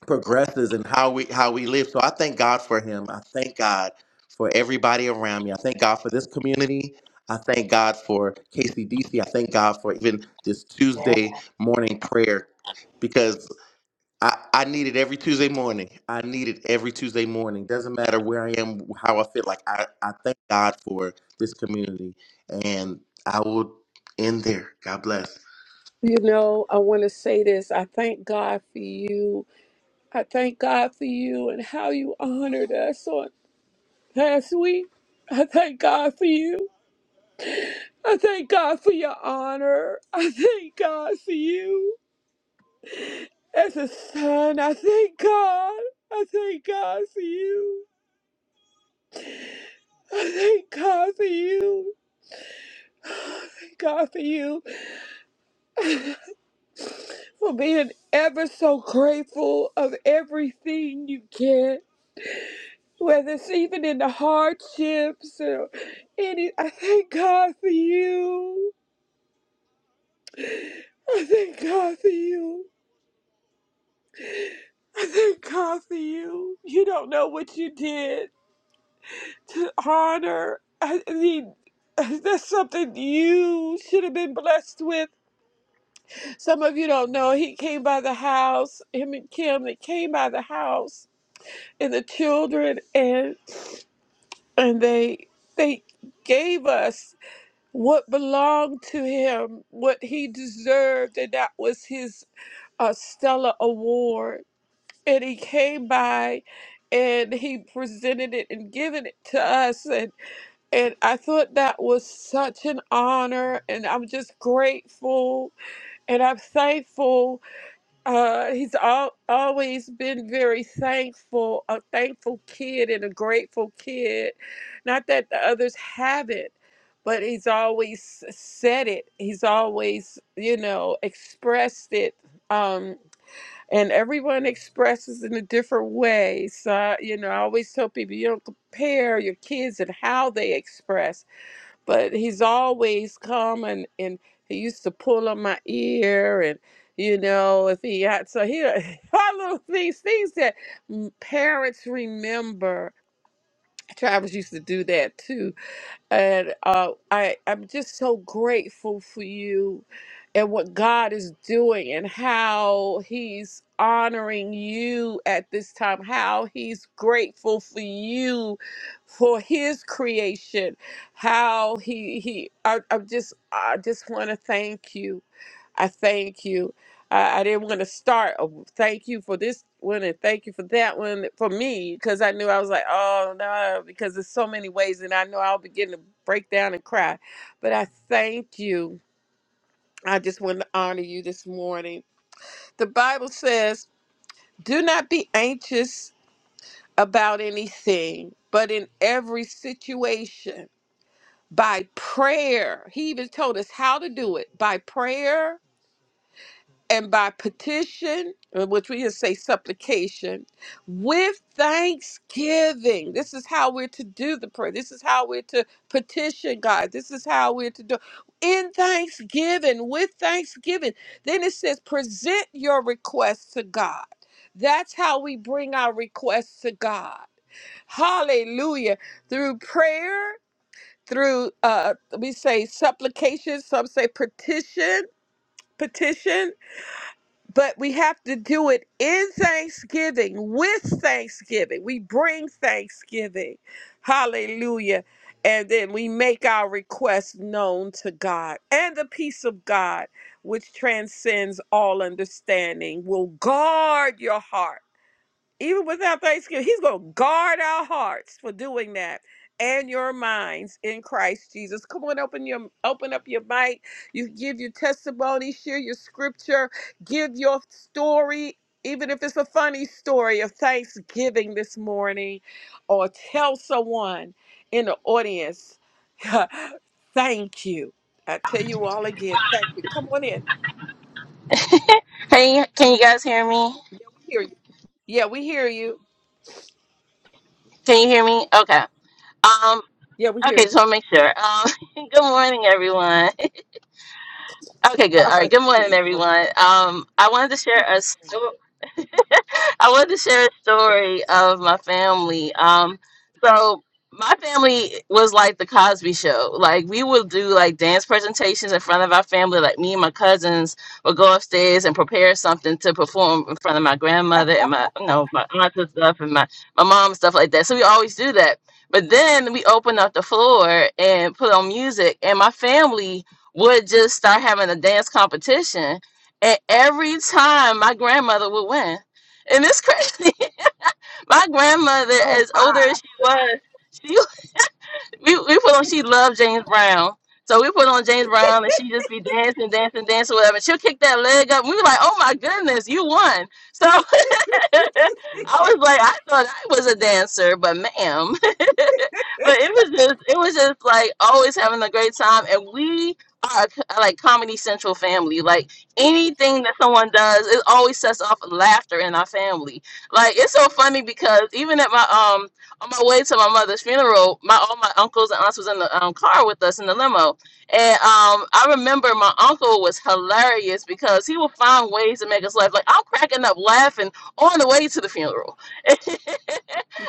G: progresses and how we how we live. So I thank God for Him. I thank God for everybody around me. I thank God for this community. I thank God for KCDC. I thank God for even this
A: yeah.
G: Tuesday morning prayer because I, I need it every Tuesday morning. I need it every Tuesday morning. Doesn't matter where I am, how I feel. Like I, I thank God for this community, and I will end there. God bless.
A: You know, I want to say this. I thank God for you. I thank God for you and how you honored us on last week. I thank God for you. I thank God for your honor. I thank God for you. As a son, I thank God. I thank God for you. I thank God for you. Thank God for you. for being ever so grateful of everything you get, whether it's even in the hardships or any. I thank God for you. I thank God for you. I thank God for you. You don't know what you did to honor. I mean, that's something you should have been blessed with. Some of you don't know. He came by the house, him and Kim, they came by the house and the children and and they they gave us what belonged to him what he deserved and that was his uh, stella award and he came by and he presented it and given it to us and and i thought that was such an honor and i'm just grateful and i'm thankful uh, he's al always been very thankful, a thankful kid and a grateful kid. Not that the others haven't, but he's always said it. He's always, you know, expressed it. Um, and everyone expresses in a different way. So, you know, I always tell people you don't compare your kids and how they express but he's always come and, and he used to pull on my ear and you know if he had so he all of these things that m- parents remember travis used to do that too and uh, I I'm just so grateful for you and what God is doing and how He's honoring you at this time. How He's grateful for you for His creation. How He He I, I'm just I just want to thank you I thank you. I, I didn't want to start. Oh, thank you for this one and thank you for that one for me because I knew I was like, oh no, because there's so many ways and I know I'll begin to break down and cry. But I thank you. I just want to honor you this morning. The Bible says, do not be anxious about anything, but in every situation, by prayer. He even told us how to do it by prayer and by petition, uh, which we just say supplication, with thanksgiving. This is how we're to do the prayer. This is how we're to petition God. This is how we're to do in thanksgiving, with thanksgiving. Then it says, present your requests to God. That's how we bring our requests to God. Hallelujah. Through prayer, through uh we say supplication, some say petition, petition but we have to do it in thanksgiving with thanksgiving we bring thanksgiving hallelujah and then we make our requests known to god and the peace of god which transcends all understanding will guard your heart even without thanksgiving, he's going to guard our hearts for doing that and your minds in Christ Jesus. Come on, open your open up your mic. You give your testimony, share your scripture, give your story. Even if it's a funny story of Thanksgiving this morning, or tell someone in the audience, thank you. I tell you all again, thank you. Come on in.
H: Can you can you guys hear me?
A: We hear you. Yeah, we hear you.
H: Can you hear me? Okay. Um.
A: Yeah, we
H: Okay.
A: hear
H: Just want to make sure. Um. good morning, everyone. okay. Good. All right. Good
A: you.
H: morning, everyone. Um. I wanted to share a story. I wanted to share a story of my family. Um, so my family was like the Cosby Show. Like we would do like dance presentations in front of our family. Like me and my cousins would go upstairs and prepare something to perform in front of my grandmother and my, you know, my aunts and stuff and my my mom and stuff like that. So we always do that. But then we opened up the floor and put on music, and my family would just start having a dance competition. And every time my grandmother would win and it's crazy. My grandmother,
A: Oh,
H: as older
A: my.
H: as she was, she we, we put on she loved James Brown. So we put on James Brown and she just be dancing, dancing, dancing, whatever. And she'll kick that leg up. And we were like, oh my goodness, you won. So I was like, I thought I was a dancer, but ma'am but it was just it was just like always having a great time and we are a c- like comedy central family like anything that someone does it always sets off laughter in our family like it's so funny because even at my um on my way to my mother's funeral my all my uncles and aunts was in the um, car with us in the limo and um i remember my uncle was hilarious because he would find ways to make us laugh like i'm cracking up laughing on the way to the funeral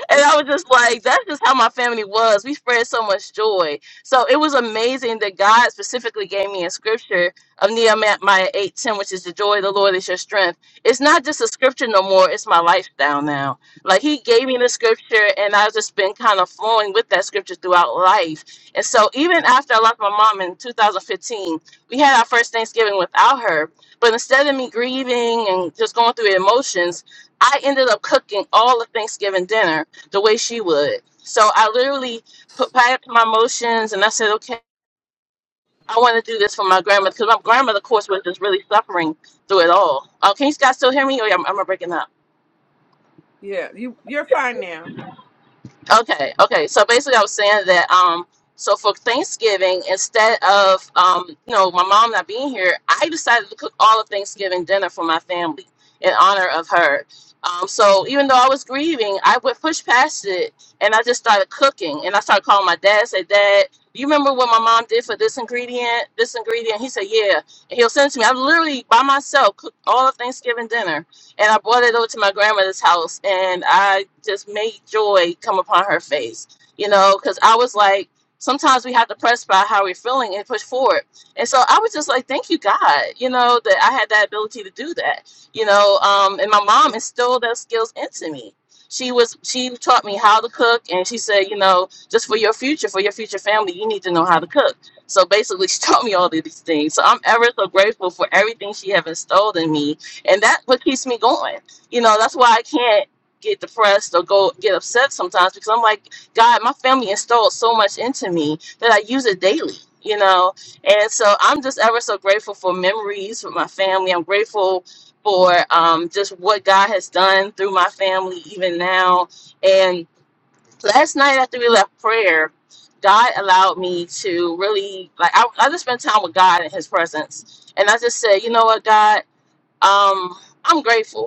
H: And I was just like, that's just how my family was. We spread so much joy. So it was amazing that God specifically gave me a scripture of Nehemiah 8:10, which is the joy of the Lord is your strength. It's not just a scripture no more, it's my lifestyle now. Like he gave me the scripture and I've just been kind of flowing with that scripture throughout life. And so even after I lost my mom in 2015, we had our first Thanksgiving without her. But instead of me grieving and just going through emotions, I ended up cooking all the Thanksgiving dinner the way she would. So I literally put packed my emotions and I said, okay, I want to do this for my grandmother because my grandmother, of course, was just really suffering through it all. Uh, can you guys still hear me or I'm, i breaking up?
A: Yeah, you you're fine now.
H: Okay, okay. So basically, I was saying that um, so for Thanksgiving, instead of um, you know, my mom not being here, I decided to cook all of Thanksgiving dinner for my family in honor of her. Um, so even though I was grieving, I would push past it and I just started cooking. And I started calling my dad, say, Dad, do you remember what my mom did for this ingredient, this ingredient? He said, Yeah. And he'll send it to me. I literally by myself cooked all of Thanksgiving dinner and I brought it over to my grandmother's house, and I just made joy come upon her face, you know, because I was like, sometimes we have to press by how we're feeling and push forward, and so I was just like, thank you, God, you know, that I had that ability to do that, you know, um, and my mom instilled those skills into me. She was she taught me how to cook, and she said, you know, just for your future, for your future family, you need to know how to cook. So basically, she taught me all of these things. So I'm ever so grateful for everything she have installed in me, and that's what keeps me going. You know, that's why I can't get depressed or go get upset sometimes because I'm like, God, my family instilled so much into me that I use it daily. You know, and so I'm just ever so grateful for memories with my family. I'm grateful for um, just what God has done through my family even now. And last night after we left prayer, God allowed me to really like I, I just spent time with God in His presence, and I just said, you know what, God. Um, I'm grateful.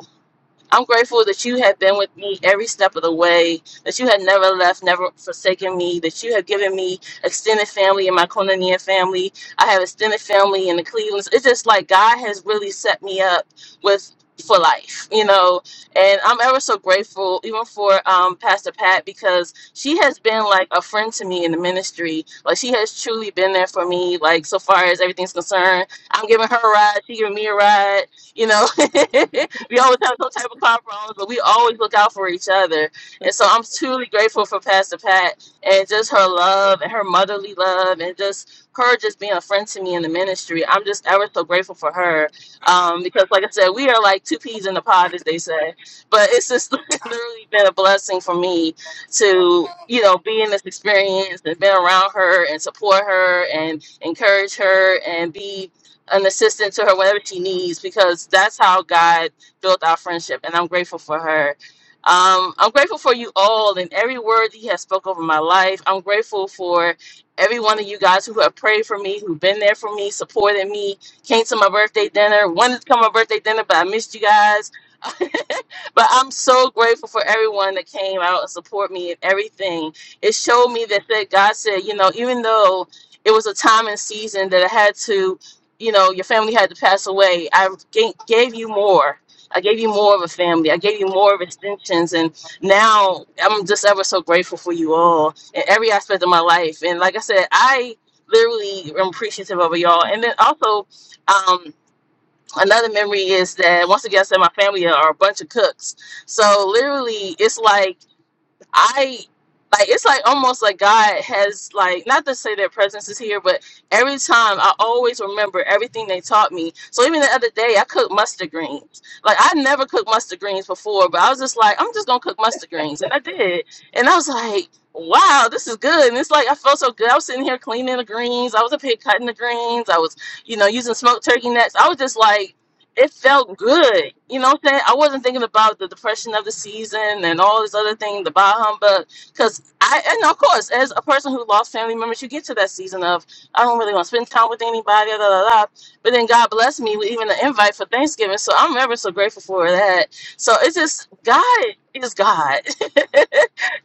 H: I'm grateful that you have been with me every step of the way, that you have never left, never forsaken me, that you have given me extended family in my Konania family. I have extended family in the Clevelands. It's just like God has really set me up with for life, you know. And I'm ever so grateful even for um Pastor Pat because she has been like a friend to me in the ministry. Like she has truly been there for me, like so far as everything's concerned. I'm giving her a ride, she giving me a ride you know. we always have some type of compromise, but we always look out for each other. And so I'm truly grateful for Pastor Pat and just her love and her motherly love and just her just being a friend to me in the ministry. I'm just ever so grateful for her um, because, like I said, we are like two peas in the pod, as they say. But it's just literally been a blessing for me to, you know, be in this experience and been around her and support her and encourage her and be an assistant to her whenever she needs because that's how God built our friendship, and I'm grateful for her. Um, I'm grateful for you all and every word that he has spoke over my life. I'm grateful for every one of you guys who have prayed for me, who've been there for me, supported me, came to my birthday dinner, wanted to come to my birthday dinner, but I missed you guys but I'm so grateful for everyone that came out and support me and everything. It showed me that, that God said, you know, even though it was a time and season that I had to, you know, your family had to pass away, I ga- gave you more. I gave you more of a family. I gave you more of extensions. And now I'm just ever so grateful for you all in every aspect of my life. And like I said, I literally am appreciative of y'all. And then also, um, another memory is that once again, I said my family are a bunch of cooks. So literally, it's like I like it's like almost like God has like not to say their presence is here, but every time I always remember everything they taught me. So even the other day, I cooked mustard greens. Like I never cooked mustard greens before, but I was just like, I'm just gonna cook mustard greens, and I did, and I was like. Wow, this is good. And it's like I felt so good. I was sitting here cleaning the greens. I was up here cutting the greens. I was you know, using smoked turkey necks. I was just like, it felt good. You know what I'm saying? I wasn't thinking about the depression of the season and all this other thing, the bah humbug. Because I, and of course, as a person who lost family members, you get to that season of, I don't really want to spend time with anybody, da, da, da, But then God blessed me with even an invite for Thanksgiving. So I'm ever so grateful for that. So it's just, God is God.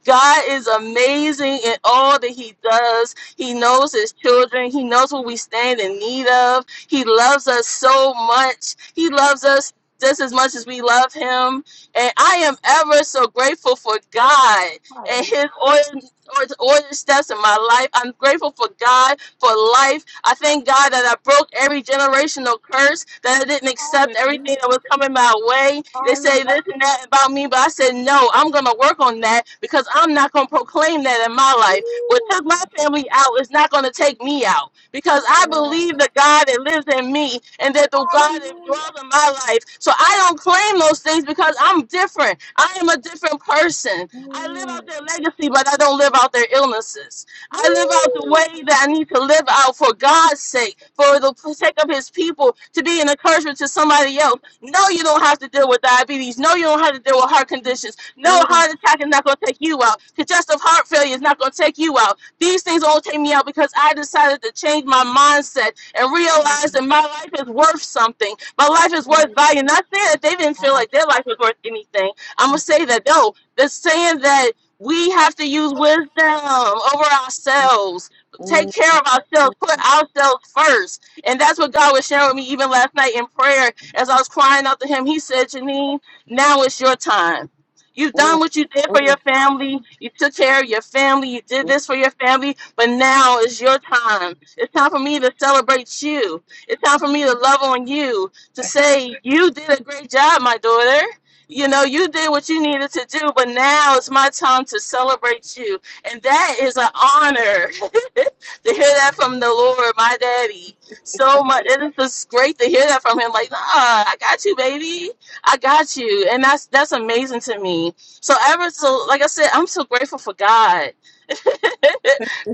H: God is amazing in all that He does. He knows His children. He knows what we stand in need of he loves us so much. He loves us just as much as we love him. And I am ever so grateful for God and his order, order, order steps in my life. I'm grateful for God for life. I thank God that I broke every generational curse, that I didn't accept
A: Hallelujah.
H: everything that was coming my way. They say
A: Hallelujah.
H: this and that about me, but I said, no, I'm going to work on that because I'm not going to proclaim that in my life. What took my family out is not going to take me out because I
A: Yeah.
H: believe the God that lives in me and that the God that
A: Hallelujah.
H: dwells in my life. So I don't claim those things because I'm different. I am a different person. I live
A: Mm.
H: out their legacy, but I don't live out their illnesses. I live out the
A: Woo.
H: way that I need to live out for God's sake, for the sake of His people, to be an encouragement to somebody else. No, you don't have to deal with diabetes. No, you don't have to deal with heart conditions. No,
A: Mm,
H: heart attack is not going to take you out. Congestive heart failure is not going to take you out. These things all take me out because I decided to change my mindset and realize that my life is worth something. My life is worth value. Not saying that they didn't feel like their life was worth anything. I'm gonna say that no, they're saying that we have to use wisdom over
A: mm,
H: ourselves. Take
A: mm,
H: care of ourselves, put ourselves first. And that's what God was sharing with me even last night in prayer as I was crying out to him. He said, Janine, now it's your time. You've
A: mm,
H: done what you did for your
A: mm,
H: family. You took care of your family. You did this for your family. But now is your time. It's time for me to celebrate you. It's time for me to love on you, to say, You did a great job, my daughter. You know, you did what you needed to do, but now it's my time to celebrate you. And that is an honor to hear that from the Lord, my daddy. So much. It is just great to hear that from him. Like, nah, I got you, baby. I got you. And that's that's amazing to me. So ever so like I said, I'm so grateful for God.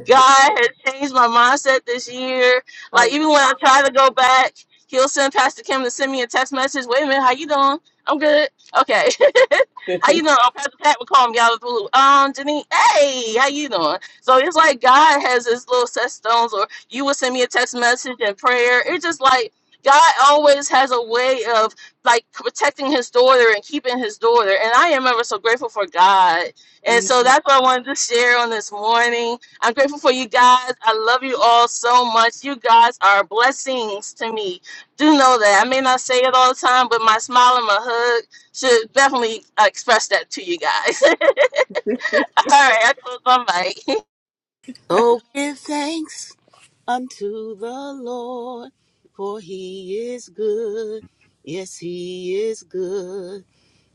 H: God has changed my mindset this year.
A: mm.
H: Like even
A: Hallelujah.
H: when I try to go back, he'll send Pastor Kim to send me a text message. Wait a minute, how you doing? I'm good. Okay. How you doing? Oh, Pastor Pat would call me out of the blue. Um, Janine, hey, how you doing? So it's like God has his little set stones, or you would send me a text message and prayer. It's just like God always has a way of like protecting his daughter and keeping his daughter. And I am ever so grateful for God. And so
A: Mm,
H: that's what I wanted to share on this morning. I'm grateful for you guys. I love you all so much. You guys are blessings to me. Do know that. I may not say it all the time, but my smile and my hug should definitely uh, express that to you guys. All right, I close my mic.
F: oh, give thanks unto the Lord, for he is good. Yes, he is good.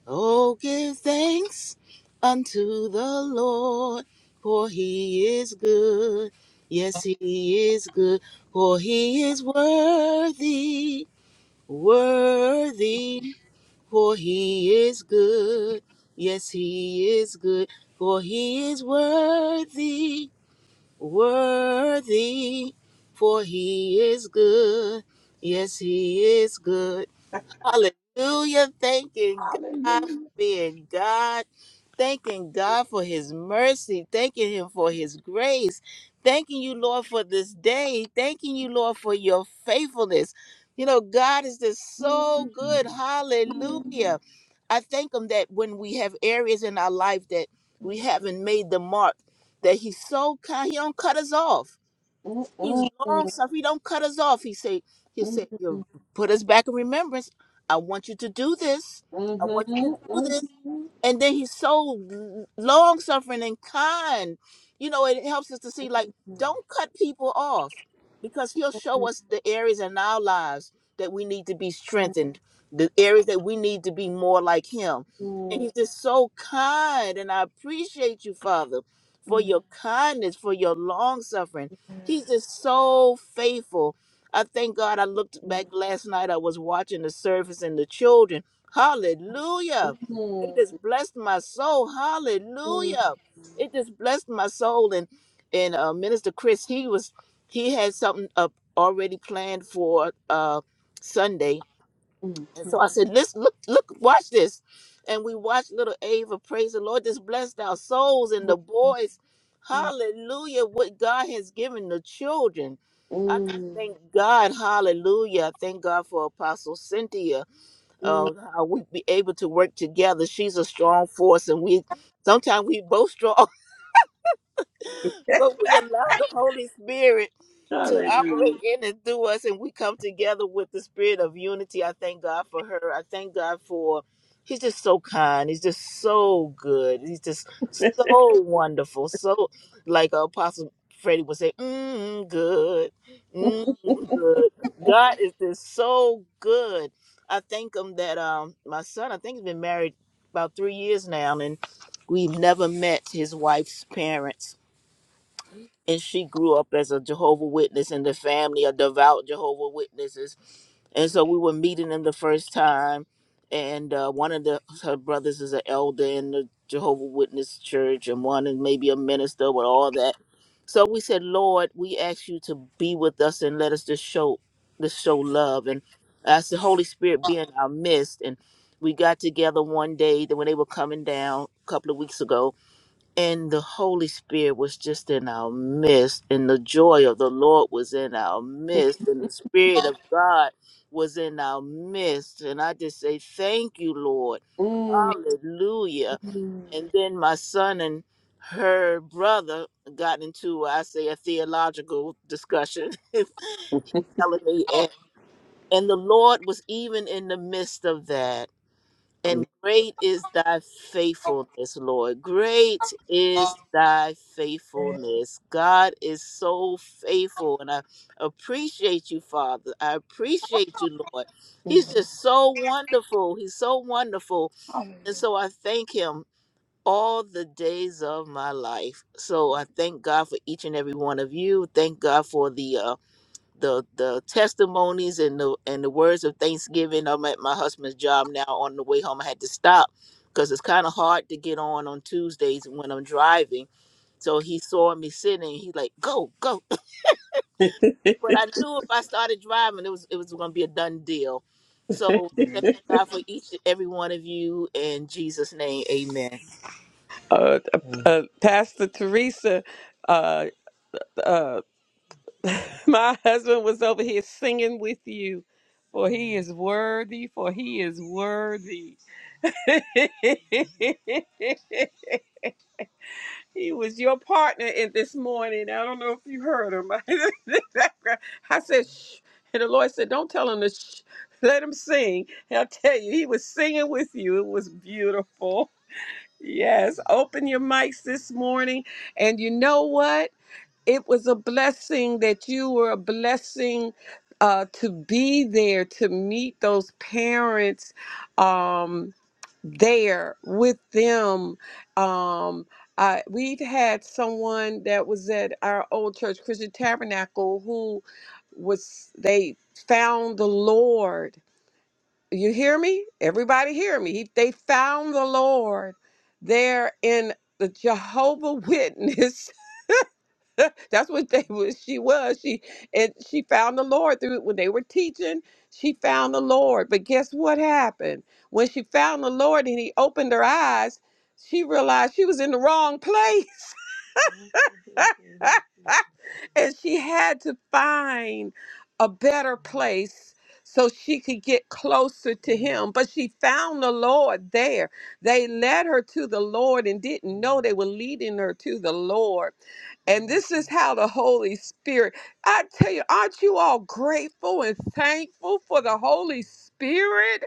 F: Oh, give thanks unto the Lord, for he is good. Yes, he is good, for he is worthy, worthy, for he is good. Yes, he is good, for he is worthy worthy, for he is good. Yes, he is good. Hallelujah. Thanking God for
A: Hallelujah.
F: being God. Thanking God for his mercy. Thanking him for his grace. Thanking you, Lord, for this day. Thanking you, Lord, for your faithfulness. You know, God is just so good. Hallelujah. I thank him that when we have areas in our life that we haven't made the mark, that he's so kind, he don't cut us off
A: mm,
F: He's
A: mm,
F: long
A: mm,
F: suffering. He don't cut us off. He said, He
A: mm,
F: said,
A: mm,
F: You'll put us back in remembrance. I want you to do this.
A: mhm, mm, mm,
F: I want
A: mm, mm, mm, mm,
F: you to do
A: mm,
F: this and then he's so long suffering and kind you know it helps us to see like don't cut people off because he'll show us the areas in our lives that we need to be strengthened the areas that we need to be more like him and he's just so kind and i appreciate you father for your kindness for your long suffering he's just so faithful i thank god i looked back last night i was watching the service and the children hallelujah it just blessed my soul. Hallelujah. It just blessed my soul. And and uh, Minister Chris, he was he had something up already planned for uh Sunday. And so I said, Let's look, look, watch this. And we watched little Ava praise the Lord. Just blessed our souls and the boys. Hallelujah. What God has given the children.
A: mm,
F: I just
A: mm,
F: thank God. Hallelujah. I Thank God for Apostle Cynthia uh, how we be able to work together. She's a strong force, and we sometimes we both strong but we allow the Holy Spirit to operate in and through us, and we come together with the spirit of unity. I thank God for her. I thank God for. He's just so kind. He's just so good. He's just so wonderful. So, like Apostle Freddie would say, mm, good,
A: mm,
F: mm, good. God is just so good. I thank him that um my son. I think he's been married about three years now, and we've never met his wife's parents and she grew up as a Jehovah Witness in the family of devout Jehovah Witnesses. And so we were meeting them the first time, and uh, one of the her brothers is an elder in the Jehovah Witness church, and one is maybe a minister with all that. So we said, Lord, we ask you to be with us and let us just show just show love and ask the Holy Spirit be in our midst. And we got together one day that when they were coming down a couple of weeks ago, and the Holy Spirit was just in our midst, and the joy of the Lord was in our midst, and the Spirit of God was in our midst. And I just say, Thank you, Lord.
A: mm, mm,
F: Hallelujah. And then my son and her brother got into, I say, a theological discussion, telling
A: mm.
F: me, and, and the Lord was even in the midst of that. And great is thy faithfulness, Lord. Great is thy faithfulness. God is so faithful. And I appreciate you, Father. I appreciate you, Lord. He's just so wonderful. He's so wonderful. And so I thank him all the days of my life. So I thank God for each and every one of you. Thank God for the uh, the the testimonies and the and the words of thanksgiving. I'm at my husband's job now. On the way home, I had to stop because it's kind of hard to get on on Tuesdays when I'm driving. So he saw me sitting. He like go go, but I knew if I started driving, it was it was going to be a done deal. So thank God for each and every one of you in Jesus' name, Amen.
A: uh, uh, Pastor Teresa, uh, uh, my husband was over here singing with you, for he is worthy, for he is worthy. he was your partner in this morning. I don't know if you heard him. I said, shh. And the Lord said, don't tell him to shh. Let him sing. And I tell you, he was singing with you. It was beautiful. Yes, open your mics this morning. And you know what? It was a blessing that you were a blessing uh, to be there to meet those parents um, there with them. Um, uh, we've had someone that was at our old church, Christian Tabernacle, who was they found the Lord you hear me? Everybody hear me. He, they found the Lord there in the Jehovah Witness. That's what they was she was. She and she found the Lord through when they were teaching, she found the Lord. But guess what happened? When she found the Lord and he opened her eyes, she realized she was in the wrong place. and she had to find a better place so she could get closer to him. But she found the Lord there. They led her to the Lord and didn't know they were leading her to the Lord. And this is how the Holy Spirit, I tell you, aren't you all grateful and thankful for the Holy Spirit?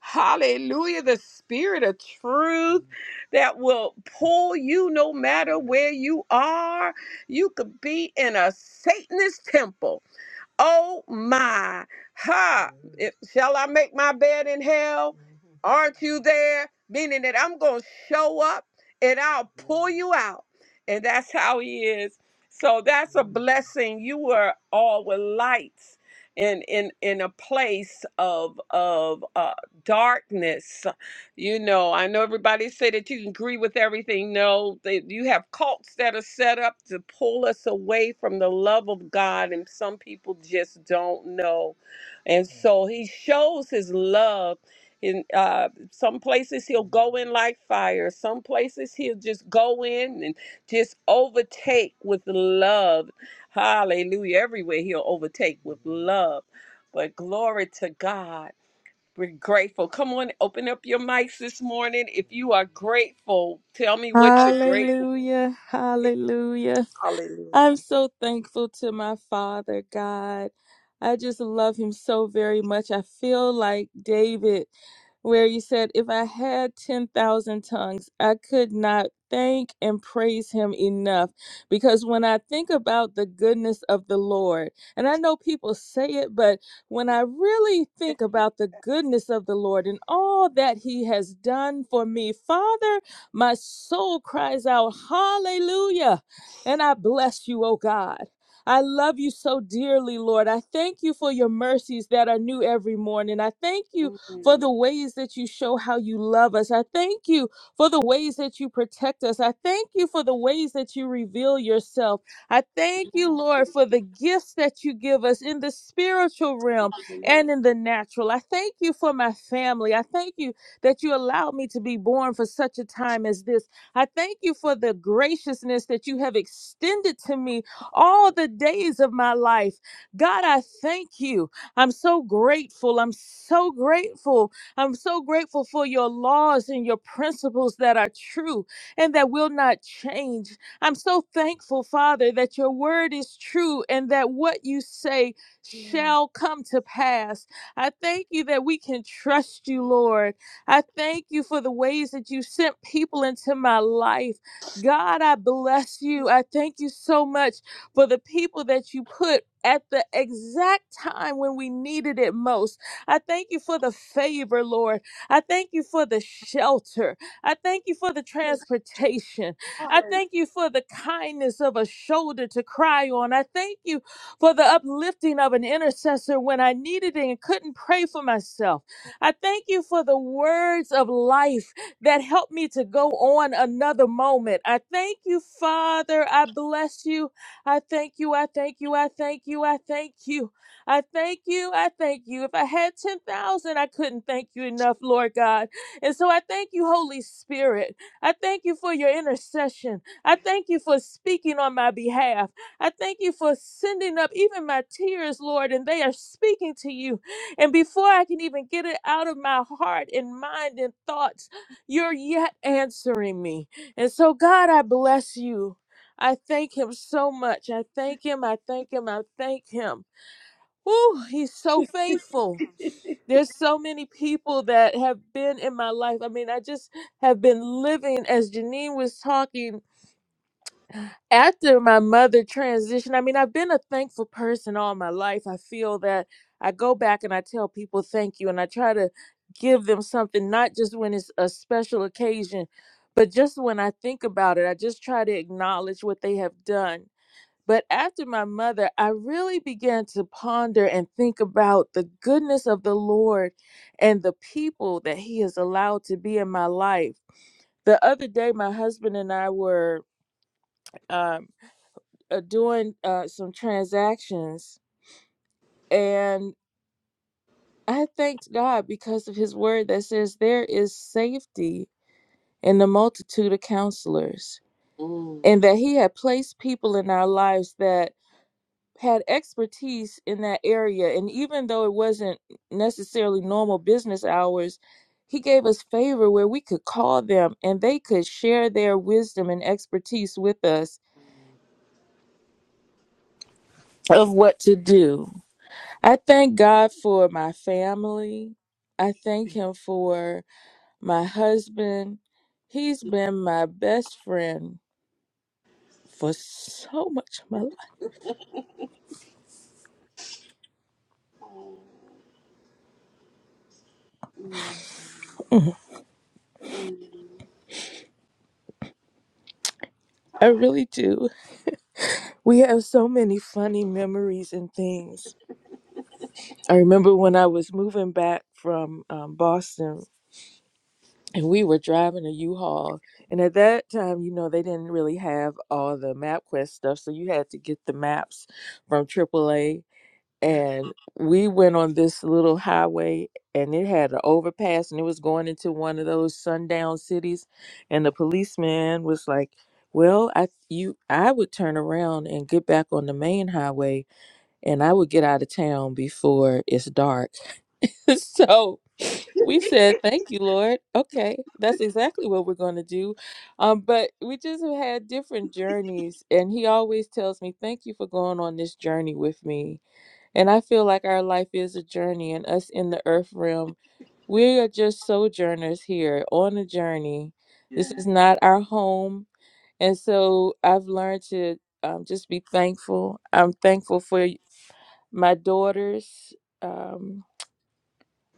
A: Hallelujah. The Spirit of truth that will pull you no matter where you are. You could be in a Satanist temple. Oh my, ha! Mhm. If, shall I make my bed in hell? Mhm. Aren't you there? Meaning that I'm going to show up and I'll pull you out. And that's how he is. So that's a blessing. You were all with lights in in in a place of of uh, darkness you know, I know everybody say that you can agree with everything. No, they, you have cults that are set up to pull us away from the love of God, and some people just don't know. And so He shows His love. In uh, some places He'll go in like fire. Some places He'll just go in and just overtake with love. Hallelujah! Everywhere He'll overtake with love. But glory to God. We're grateful. Come on, open up your mics this morning. If you are grateful, tell me what you're grateful
I: Hallelujah. Hallelujah. I'm so thankful to my father, God. I just love him so very much. I feel like David, where you said, If I had 10,000 tongues, I could not thank and praise him enough. Because when I think about the goodness of the Lord, and I know people say it, but when I really think about the goodness of the Lord and all that he has done for me, Father, my soul cries out, Hallelujah. And I bless you, oh God. I love you so dearly, Lord. I thank you for your mercies that are new every morning. I thank you for the ways that you show how you love us. I thank you for the ways that you protect us. I thank you for the ways that you reveal yourself. I thank you, Lord, for the gifts that you give us in the spiritual realm and in the natural. I thank you for my family. I thank you that you allowed me to be born for such a time as this. I thank you for the graciousness that you have extended to me all the days of my life. God, I thank you. I'm so grateful. I'm so grateful. I'm so grateful for your laws and your principles that are true and that will not change. I'm so thankful, Father, that your word is true and that what you say shall come to pass. I thank you that we can trust you, Lord. I thank you for the ways that you sent people into my life. God, I bless you. I thank you so much for the people that you put at the exact time when we needed it most. I thank you for the favor, Lord. I thank you for the shelter. I thank you for the transportation. I thank you for the kindness of a shoulder to cry on. I thank you for the uplifting of an intercessor when I needed it and couldn't pray for myself. I thank you for the words of life that help me to go on another moment. I thank you, Father. I bless you. I thank you. I thank you. I thank you. I thank you. I thank you. I thank you. If I had 10,000, I couldn't thank you enough, Lord God. And so I thank you, Holy Spirit. I thank you for your intercession. I thank you for speaking on my behalf. I thank you for sending up even my tears, Lord, and they are speaking to you. And before I can even get it out of my heart and mind and thoughts, you're yet answering me. And so, God, I bless you. I thank Him so much. I thank Him. I thank Him. I thank Him. Woo, He's so faithful. There's so many people that have been in my life. I mean, I just have been living, as Janine was talking after my mother transitioned, I mean, I've been a thankful person all my life. I feel that I go back and I tell people thank you and I try to give them something, not just when it's a special occasion, but just when I think about it, I just try to acknowledge what they have done. But after my mother, I really began to ponder and think about the goodness of the Lord and the people that He has allowed to be in my life. The other day, my husband and I were um, uh, doing uh, some transactions, and I thanked God because of His word that says there is safety in the multitude of counselors,
A: for.
I: and that He had placed people in our lives that had expertise in that area. And even though it wasn't necessarily normal business hours, He gave us favor where we could call them and they could share their wisdom and expertise with us of what to do I thank God for my family. I thank Him for my husband. He's been my best friend for so much of my life. I really do. We have so many funny memories and things. I remember when I was moving back from um, Boston and we were driving a U-Haul. And at that time, you know, they didn't really have all the MapQuest stuff. So you had to get the maps from AAA and we went on this little highway and it had an overpass and it was going into one of those sundown cities and the policeman was like well i you i would turn around and get back on the main highway and i would get out of town before it's dark so we said thank you lord okay that's exactly what we're going to do um, but we just had different journeys and he always tells me thank you for going on this journey with me and I feel like our life is a journey, and us in the earth realm, we are just sojourners here on a journey. This is not our home. And so I've learned to um, just be thankful. I'm thankful for my daughters. Um,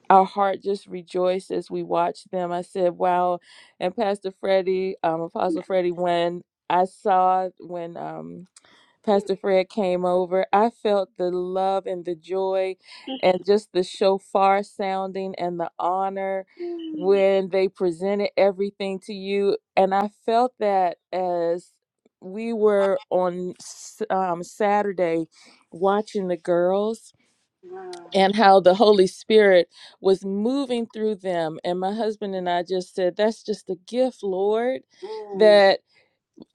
I: our heart just rejoiced as we watched them. I said, wow. And Pastor Freddie, um, Apostle Freddie, when I saw, when. Um, Pastor Fred came over, I felt the love and the joy and just the shofar sounding and the honor when they presented everything to you. And I felt that as we were on S- um, Saturday watching the girls and how the Holy Spirit was moving through them. And my husband and I just said, That's just a gift, Lord, that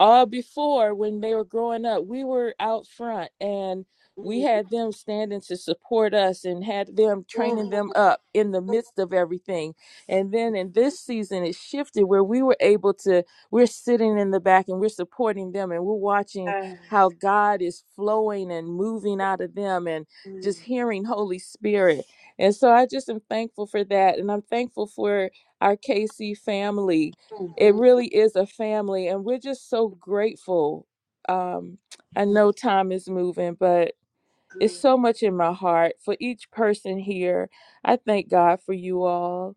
I: uh before when they were growing up we were out front and we had them standing to support us and had them training them up in the midst of everything and then in this season it shifted where we were able to we're sitting in the back and we're supporting them and we're watching how god is flowing and moving out of them and just hearing holy spirit and so i just am thankful for that and i'm thankful for our kc family it really is a family and we're just so grateful um i know time is moving but it's so much in my heart for each person here i thank god for you all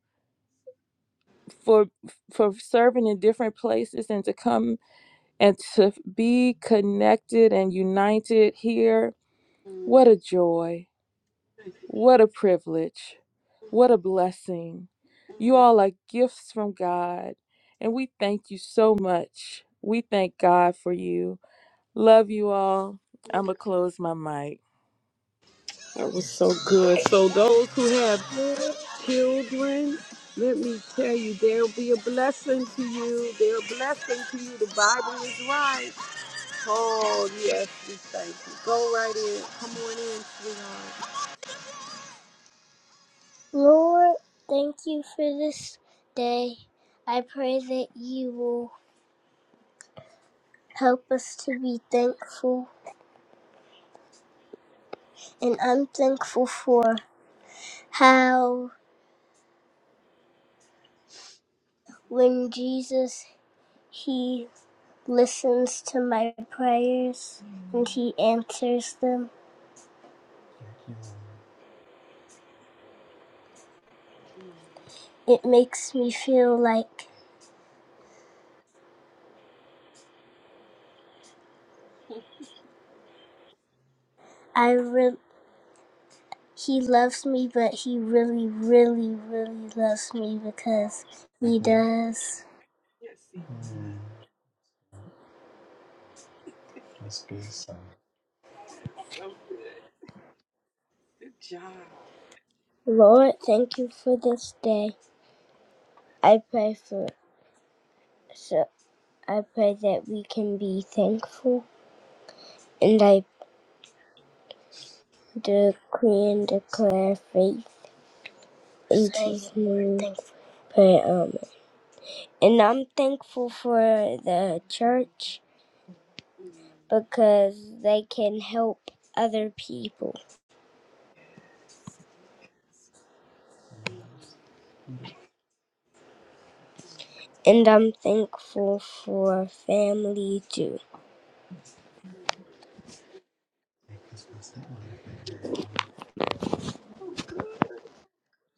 I: for for serving in different places and to come and to be connected and united here what a joy What a privilege. What a blessing. You all are gifts from God, and we thank you so much. We thank God for you. Love you all. I'm going to close my mic.
A: That was so good. So those who have
J: Lord,
A: children, let me tell you, there'll be a blessing to you. They're a blessing to you. The Bible is right. Oh yes, we thank you. Go right in. Come on in, sweetheart.
J: Lord, thank you for this day. I pray that you will help us to be thankful. And I'm thankful for how when Jesus, he listens to my prayers and he answers them. It makes me feel like I re- he loves me, but he really, really, really loves me because he does.
A: Yes, he
J: That's good.
A: is. So good. Good job.
J: Lord, thank you for this day. I pray for so I pray that we can be thankful and I decree and declare faith in So, Jesus' name. Thankful. Pray, um, and I'm thankful for the church because they can help other people. And I'm thankful for family too.
A: Oh, good.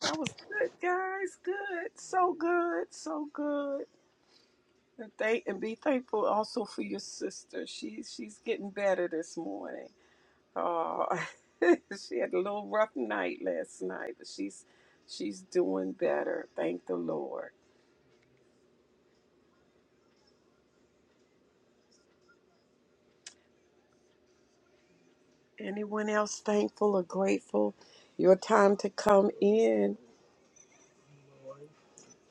A: That was good, guys. Good. So good. So good. And thank and be thankful also for your sister. She she's getting better this morning. Oh, she had a little rough night last night, but she's she's doing better. Thank the Lord. Anyone else thankful or grateful? Your time to come in.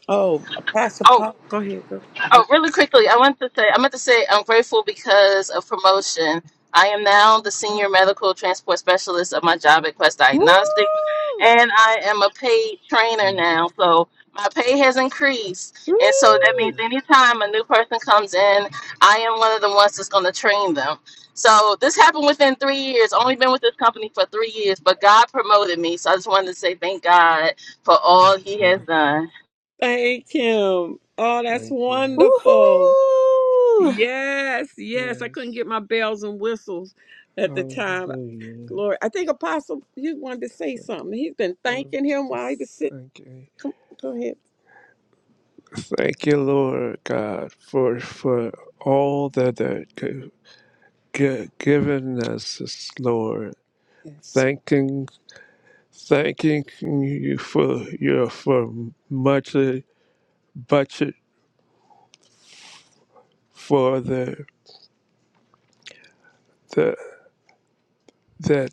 A: Oh, Pastor
H: Oh.
A: Paul, go ahead.
H: Oh, really quickly, I want to say I meant to say I'm grateful because of promotion. I am now the senior medical transport specialist of my job at Quest Diagnostics,
A: Woo!
H: and I am a paid trainer now. So my pay has increased, and so that
A: Woo!
H: means anytime a new person comes in, I am one of the ones that's going to train them. So this happened within three years. Only been with this company for three years, but God promoted me. So I just wanted to say thank God for all He has done.
A: Thank him. Oh, that's Thank you. wonderful.
I: Woohoo!
A: Yes, yes. I couldn't Yes. get my bells and whistles at the time. Hallelujah. Glory. I think Apostle, you wanted to say something. He's been thanking him while he was sitting. thank you. Come, go ahead. Thank you, Lord God, for for all that that g- g- given us, this, Lord. Yes. Thanking, thanking you for your for much budget for the the that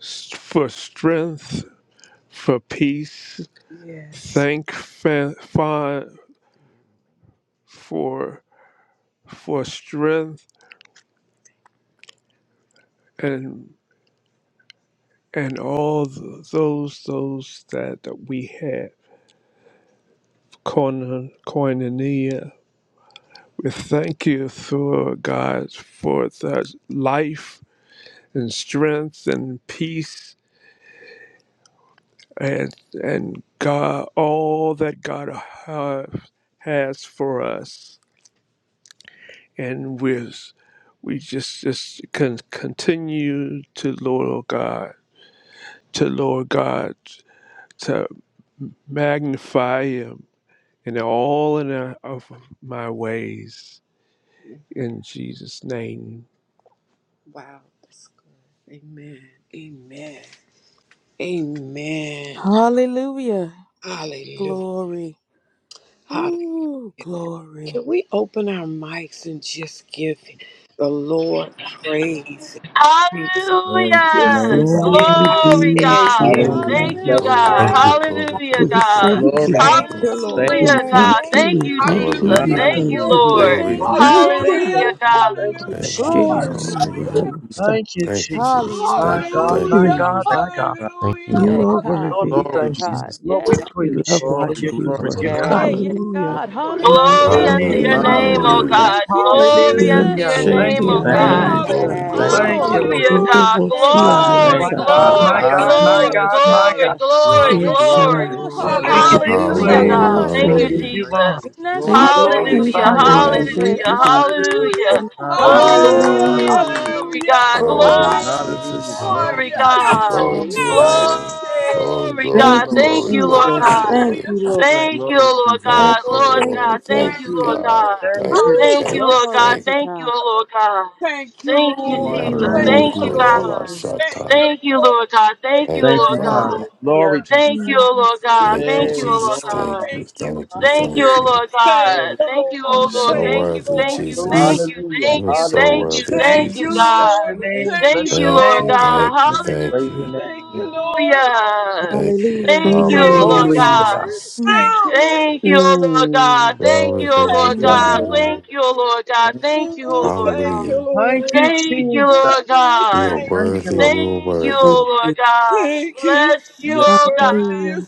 A: s- for strength, for peace, Yes. thank fa- fa- for for strength and and all th- those those that, we have Koin- koinonia we thank you for god for the life and strength and peace and and god all that god ha- has for us and we're we just just can continue to Lord oh God, to Lord God, to magnify Him in all in our, of my ways in Jesus' name. Wow. That's- Amen. Amen. Amen.
I: Hallelujah.
A: Hallelujah.
I: Glory.
A: Hall-
I: Ooh, glory.
A: Can we open our mics and just give the Lord praise?
J: Glory to
H: Hallelujah.
A: This
J: your name,
A: is
J: Father.
A: it.
D: Glory
A: I
H: Glory,
D: be
A: tell
H: God.
D: to the
A: you.
J: Hallelujah. We
H: Thank
K: Hallelujah.
D: Lamb
H: you,
D: of
J: bless your
D: God.
K: Glory,
H: God.
B: Thank
J: name,
B: you,
I: Hallelujah.
K: glory,
J: Lord.
K: glory,
H: Hallelujah,
K: glory,
D: We
H: God.
K: glory,
D: thank
J: Glory,
K: glory,
D: you.
A: Thank
I: Thank
A: you,
K: glory,
J: Jesus.
I: you,
A: Lord.
J: Thank
D: We
K: glory.
J: you,
H: Hallelujah,
I: Lord.
J: Father.
H: God.
D: thank
I: Thank
D: you.
H: Thank
D: We
H: you,
I: you.
D: thank
E: Hallelujah.
D: you.
H: Jesus.
D: We
A: Hallelujah,
K: Hallelujah.
H: Thank you,
D: thank
I: Thank
E: Glory.
J: Hallelujah.
D: you.
I: you.
H: Lord.
J: Thank you,
I: Thank
K: Glory.
I: you.
E: Glory.
J: Jesus.
D: Thank
I: Thank
B: Lord.
E: Thank
D: you.
E: you,
A: hallelujah,
E: Lord.
H: Hallelujah,
I: you.
H: God.
E: Thank you,
J: Thank you,
A: hallelujah,
K: Amen.
E: Jesus.
I: Glory to
J: Jesus.
D: Shemaya
A: hallelujah,
K: Hallelujah.
I: God.
D: Lobosa.
E: Thank you,
K: Thank you,
E: Jesus.
K: Jesus.
E: My
I: Hallelujah.
K: Thank you,
J: Hallelujah.
I: Thank
E: God,
K: thank
E: my
A: hallelujah,
K: you.
I: you,
A: hallelujah,
E: God,
D: Mm.
I: Jesus.
J: Thank
E: my
J: you,
E: God.
J: Father.
A: hallelujah,
B: Thank you,
D: You
B: Lord.
I: Yay,
D: are
I: God.
E: Lord,
D: worthy.
E: we
I: Yay,
J: Glory,
E: thank you.
I: God.
J: Jesus.
E: Lord,
I: Yay.
E: we
D: We
E: praise
D: love
E: you for
J: Glory,
D: watching
E: your
D: you
J: glory,
E: goodness,
D: work.
E: your
J: glory,
B: Hallelujah.
I: Hey,
E: kindness.
J: glory,
I: yay,
A: hallelujah, hallelujah,
D: Hallelujah.
I: God.
J: glory.
E: We lift
H: Glory
E: your
I: Hallelujah.
B: Hallelujah.
H: unto
E: name,
H: your
E: God.
K: Hallelujah.
H: name,
A: hallelujah,
H: O
D: Hallelujah.
A: hallelujah,
J: Hallelujah.
K: Hallelujah.
H: God.
I: Thank
J: Thank
I: you,
J: you,
H: Glory
J: Jesus.
H: unto
I: Jesus.
E: Hallelujah.
H: your
K: Glory,
E: Thank
H: name,
D: Yamashete
E: you,
H: O
K: glory,
I: Hey,
J: Thank
K: glory,
H: God.
J: you,
E: Jesus.
J: Jesus.
K: glory,
D: Araramasa.
A: hallelujah,
J: Thank
K: glory,
J: you,
E: Thank you,
K: glory.
I: glory.
J: Jesus.
E: Lord.
H: Hallelujah,
A: hallelujah,
H: God.
I: Yay,
D: Gorobosia
I: God.
J: Thank
E: My
I: Yay,
H: Glory,
A: hallelujah,
J: you,
I: God.
E: God,
D: Masaba.
J: Father.
E: my
I: Ha,
H: glory,
E: God,
I: Sunday
E: my
H: glory,
J: Hallelujah.
E: God, my
H: glory,
E: God.
I: Keshaya.
H: glory,
J: Glory,
D: Eh,
J: glory,
H: glory.
D: Shabbat.
I: Yetoko
J: glory,
E: Lord, we
I: Shande
J: glory,
E: give you
J: glory,
I: Katisha
H: Hallelujah,
E: praise.
K: Hallelujah.
J: glory,
A: hallelujah.
H: God.
D: Oh,
H: Thank
E: We
D: thank
J: glory,
H: you,
I: Namaso.
E: give
D: you.
K: Hallelujah.
E: you honor.
H: Jesus.
J: glory,
E: We
I: Inashe
D: Thank you.
J: glory. Jesus.
D: Thank
A: Hallelujah,
H: Hallelujah,
E: glorify
D: you.
I: Katisha
E: your
D: Thank you.
E: name.
K: Mm.
I: Nanashe
D: Thank
A: hallelujah,
H: hallelujah,
D: you.
I: Katisha.
D: Thank you. Thank
A: hallelujah,
H: hallelujah.
D: you.
B: Thank
J: Hallelujah.
A: hallelujah,
E: Hallelujah.
I: Hallelujah.
J: Hallelujah.
K: Mm.
H: Glory,
A: hallelujah.
H: God.
E: Glory,
K: Hallelujah,
I: Hallelujah.
B: you,
J: Hallelujah.
K: Jesus.
B: Glory
J: Glory,
B: to
H: Glory,
B: your name.
J: Jesus.
A: Hallelujah!
H: God.
K: Glory
E: glory.
K: to your
A: Hallelujah!
J: Yes.
B: Hallelujah.
K: name.
A: ya,
K: Glory,
H: Glory,
J: Yes,
K: glory,
I: Thank
H: God.
I: you,
J: Lord.
H: Thank
K: glory,
H: you,
J: Ra-ma-ma.
H: Lord
K: glory,
I: Jesus.
A: Hallelujah.
H: God.
I: Thank
K: glory.
I: you,
A: Thank
I: Lord.
H: Thank
A: you,
H: you,
J: Glory,
A: Lord.
H: Lord
J: Jesus.
I: Thank,
H: God.
K: Thank you,
H: Lord
I: thank you,
H: God,
K: Lord.
I: thank
H: thank
K: Thank
H: you,
K: you,
I: you.
H: Lord
A: You-
K: God.
H: God.
E: Thank
K: Thank
E: you,
K: you,
I: Woo,
H: Thank
A: Hallelujah.
H: you,
K: thank you,
H: Lord
E: Jesus.
I: glory
H: God.
K: thank
I: to
H: Thank you,
I: God.
H: Lord God.
A: Thank
H: Thank you,
K: you.
A: you.
H: Jesus.
I: Mm,
E: Thank
A: Thank
J: Hallelujah,
I: thank
A: you,
H: Thank you,
E: you.
I: you,
J: Jesus.
A: Lord.
H: God.
I: Jesus.
A: Thank
K: Yadadoboko-yabashata.
A: you,
H: Thank you, Lord God. Thank you,
K: Thank you,
J: Thank
H: Lord
J: you,
A: Lord.
E: Thank
H: God.
K: Father.
J: Father.
E: you.
J: Glory, Jesus.
H: Thank you,
E: Thank
I: Mm,
E: you,
H: Lord God.
K: Thank you,
H: Thank
E: Jesus.
H: you,
J: Hey,
H: Lord
K: Jesus.
J: glory,
K: Thank
H: God.
K: you,
J: Jesus.
A: Thank you.
K: thank you,
H: Thank you,
K: thank you.
H: Lord
A: Thank,
H: God.
J: Glory.
H: Thank you,
K: You're
H: O Lord.
K: so
I: mm,
A: thank
H: Thank
A: you,
H: you,
K: worthy,
H: thank
A: Lord.
H: you,
D: Mm.
E: Glory,
H: thank
K: Jesus.
H: you,
E: to the glory to God.
J: Hallelujah.
H: thank
K: You are
H: you,
K: so
J: Hallelujah.
H: thank
E: Bless
H: you,
K: worthy,
E: your
H: thank
A: Thank
H: you,
A: you,
E: name.
I: thank
K: Jesus.
H: God.
E: Bless
A: Lord.
E: your
I: you.
J: Thank
E: name.
J: you.
A: Thank
H: Thank
E: Bless
A: you,
H: you,
E: your
K: Thank
H: Lord
K: you,
E: name.
A: Lord.
E: Bless
K: thank
H: God.
K: you,
E: your name.
K: thank
J: Praise your
K: you.
J: name,
A: Thank you,
J: Lord.
A: Lord.
H: Hallelujah.
K: Thank you.
I: Hallelujah.
H: Thank you,
A: Thank
H: O
K: Hallelujah,
A: you,
H: Lord
E: Glory to
D: Mm.
E: God.
H: God.
A: Lord.
K: Jesus.
I: Mm,
A: Thank you, Lord.
H: Thank you, O Lord God.
D: Mm.
H: Thank
K: Glory,
A: Ooh,
H: you, O
K: glory,
A: Thank
H: Lord
A: you,
I: mm,
J: Yes,
K: glory,
H: God.
J: Lord.
A: Lord.
K: glory.
H: Thank you, O Lord God.
J: Thank you.
H: Thank you,
A: Ooh,
H: O
J: thank
H: Lord God.
A: Thank you,
K: Hallelujah.
E: Thank
A: Lord.
E: you,
H: Thank you,
E: Jesus.
H: Lord
A: Ooh,
K: You're
H: God.
A: Thank
E: Thank
I: thank
E: you,
A: you.
K: worthy,
I: you.
E: Lord.
K: you're
H: Thank you,
I: Thank
K: worthy.
I: you.
H: Lord God.
A: Thank you. You're
H: Bless you,
J: you.
A: so
H: O
J: Yes,
H: God.
A: worthy. You're
I: Hallelujah.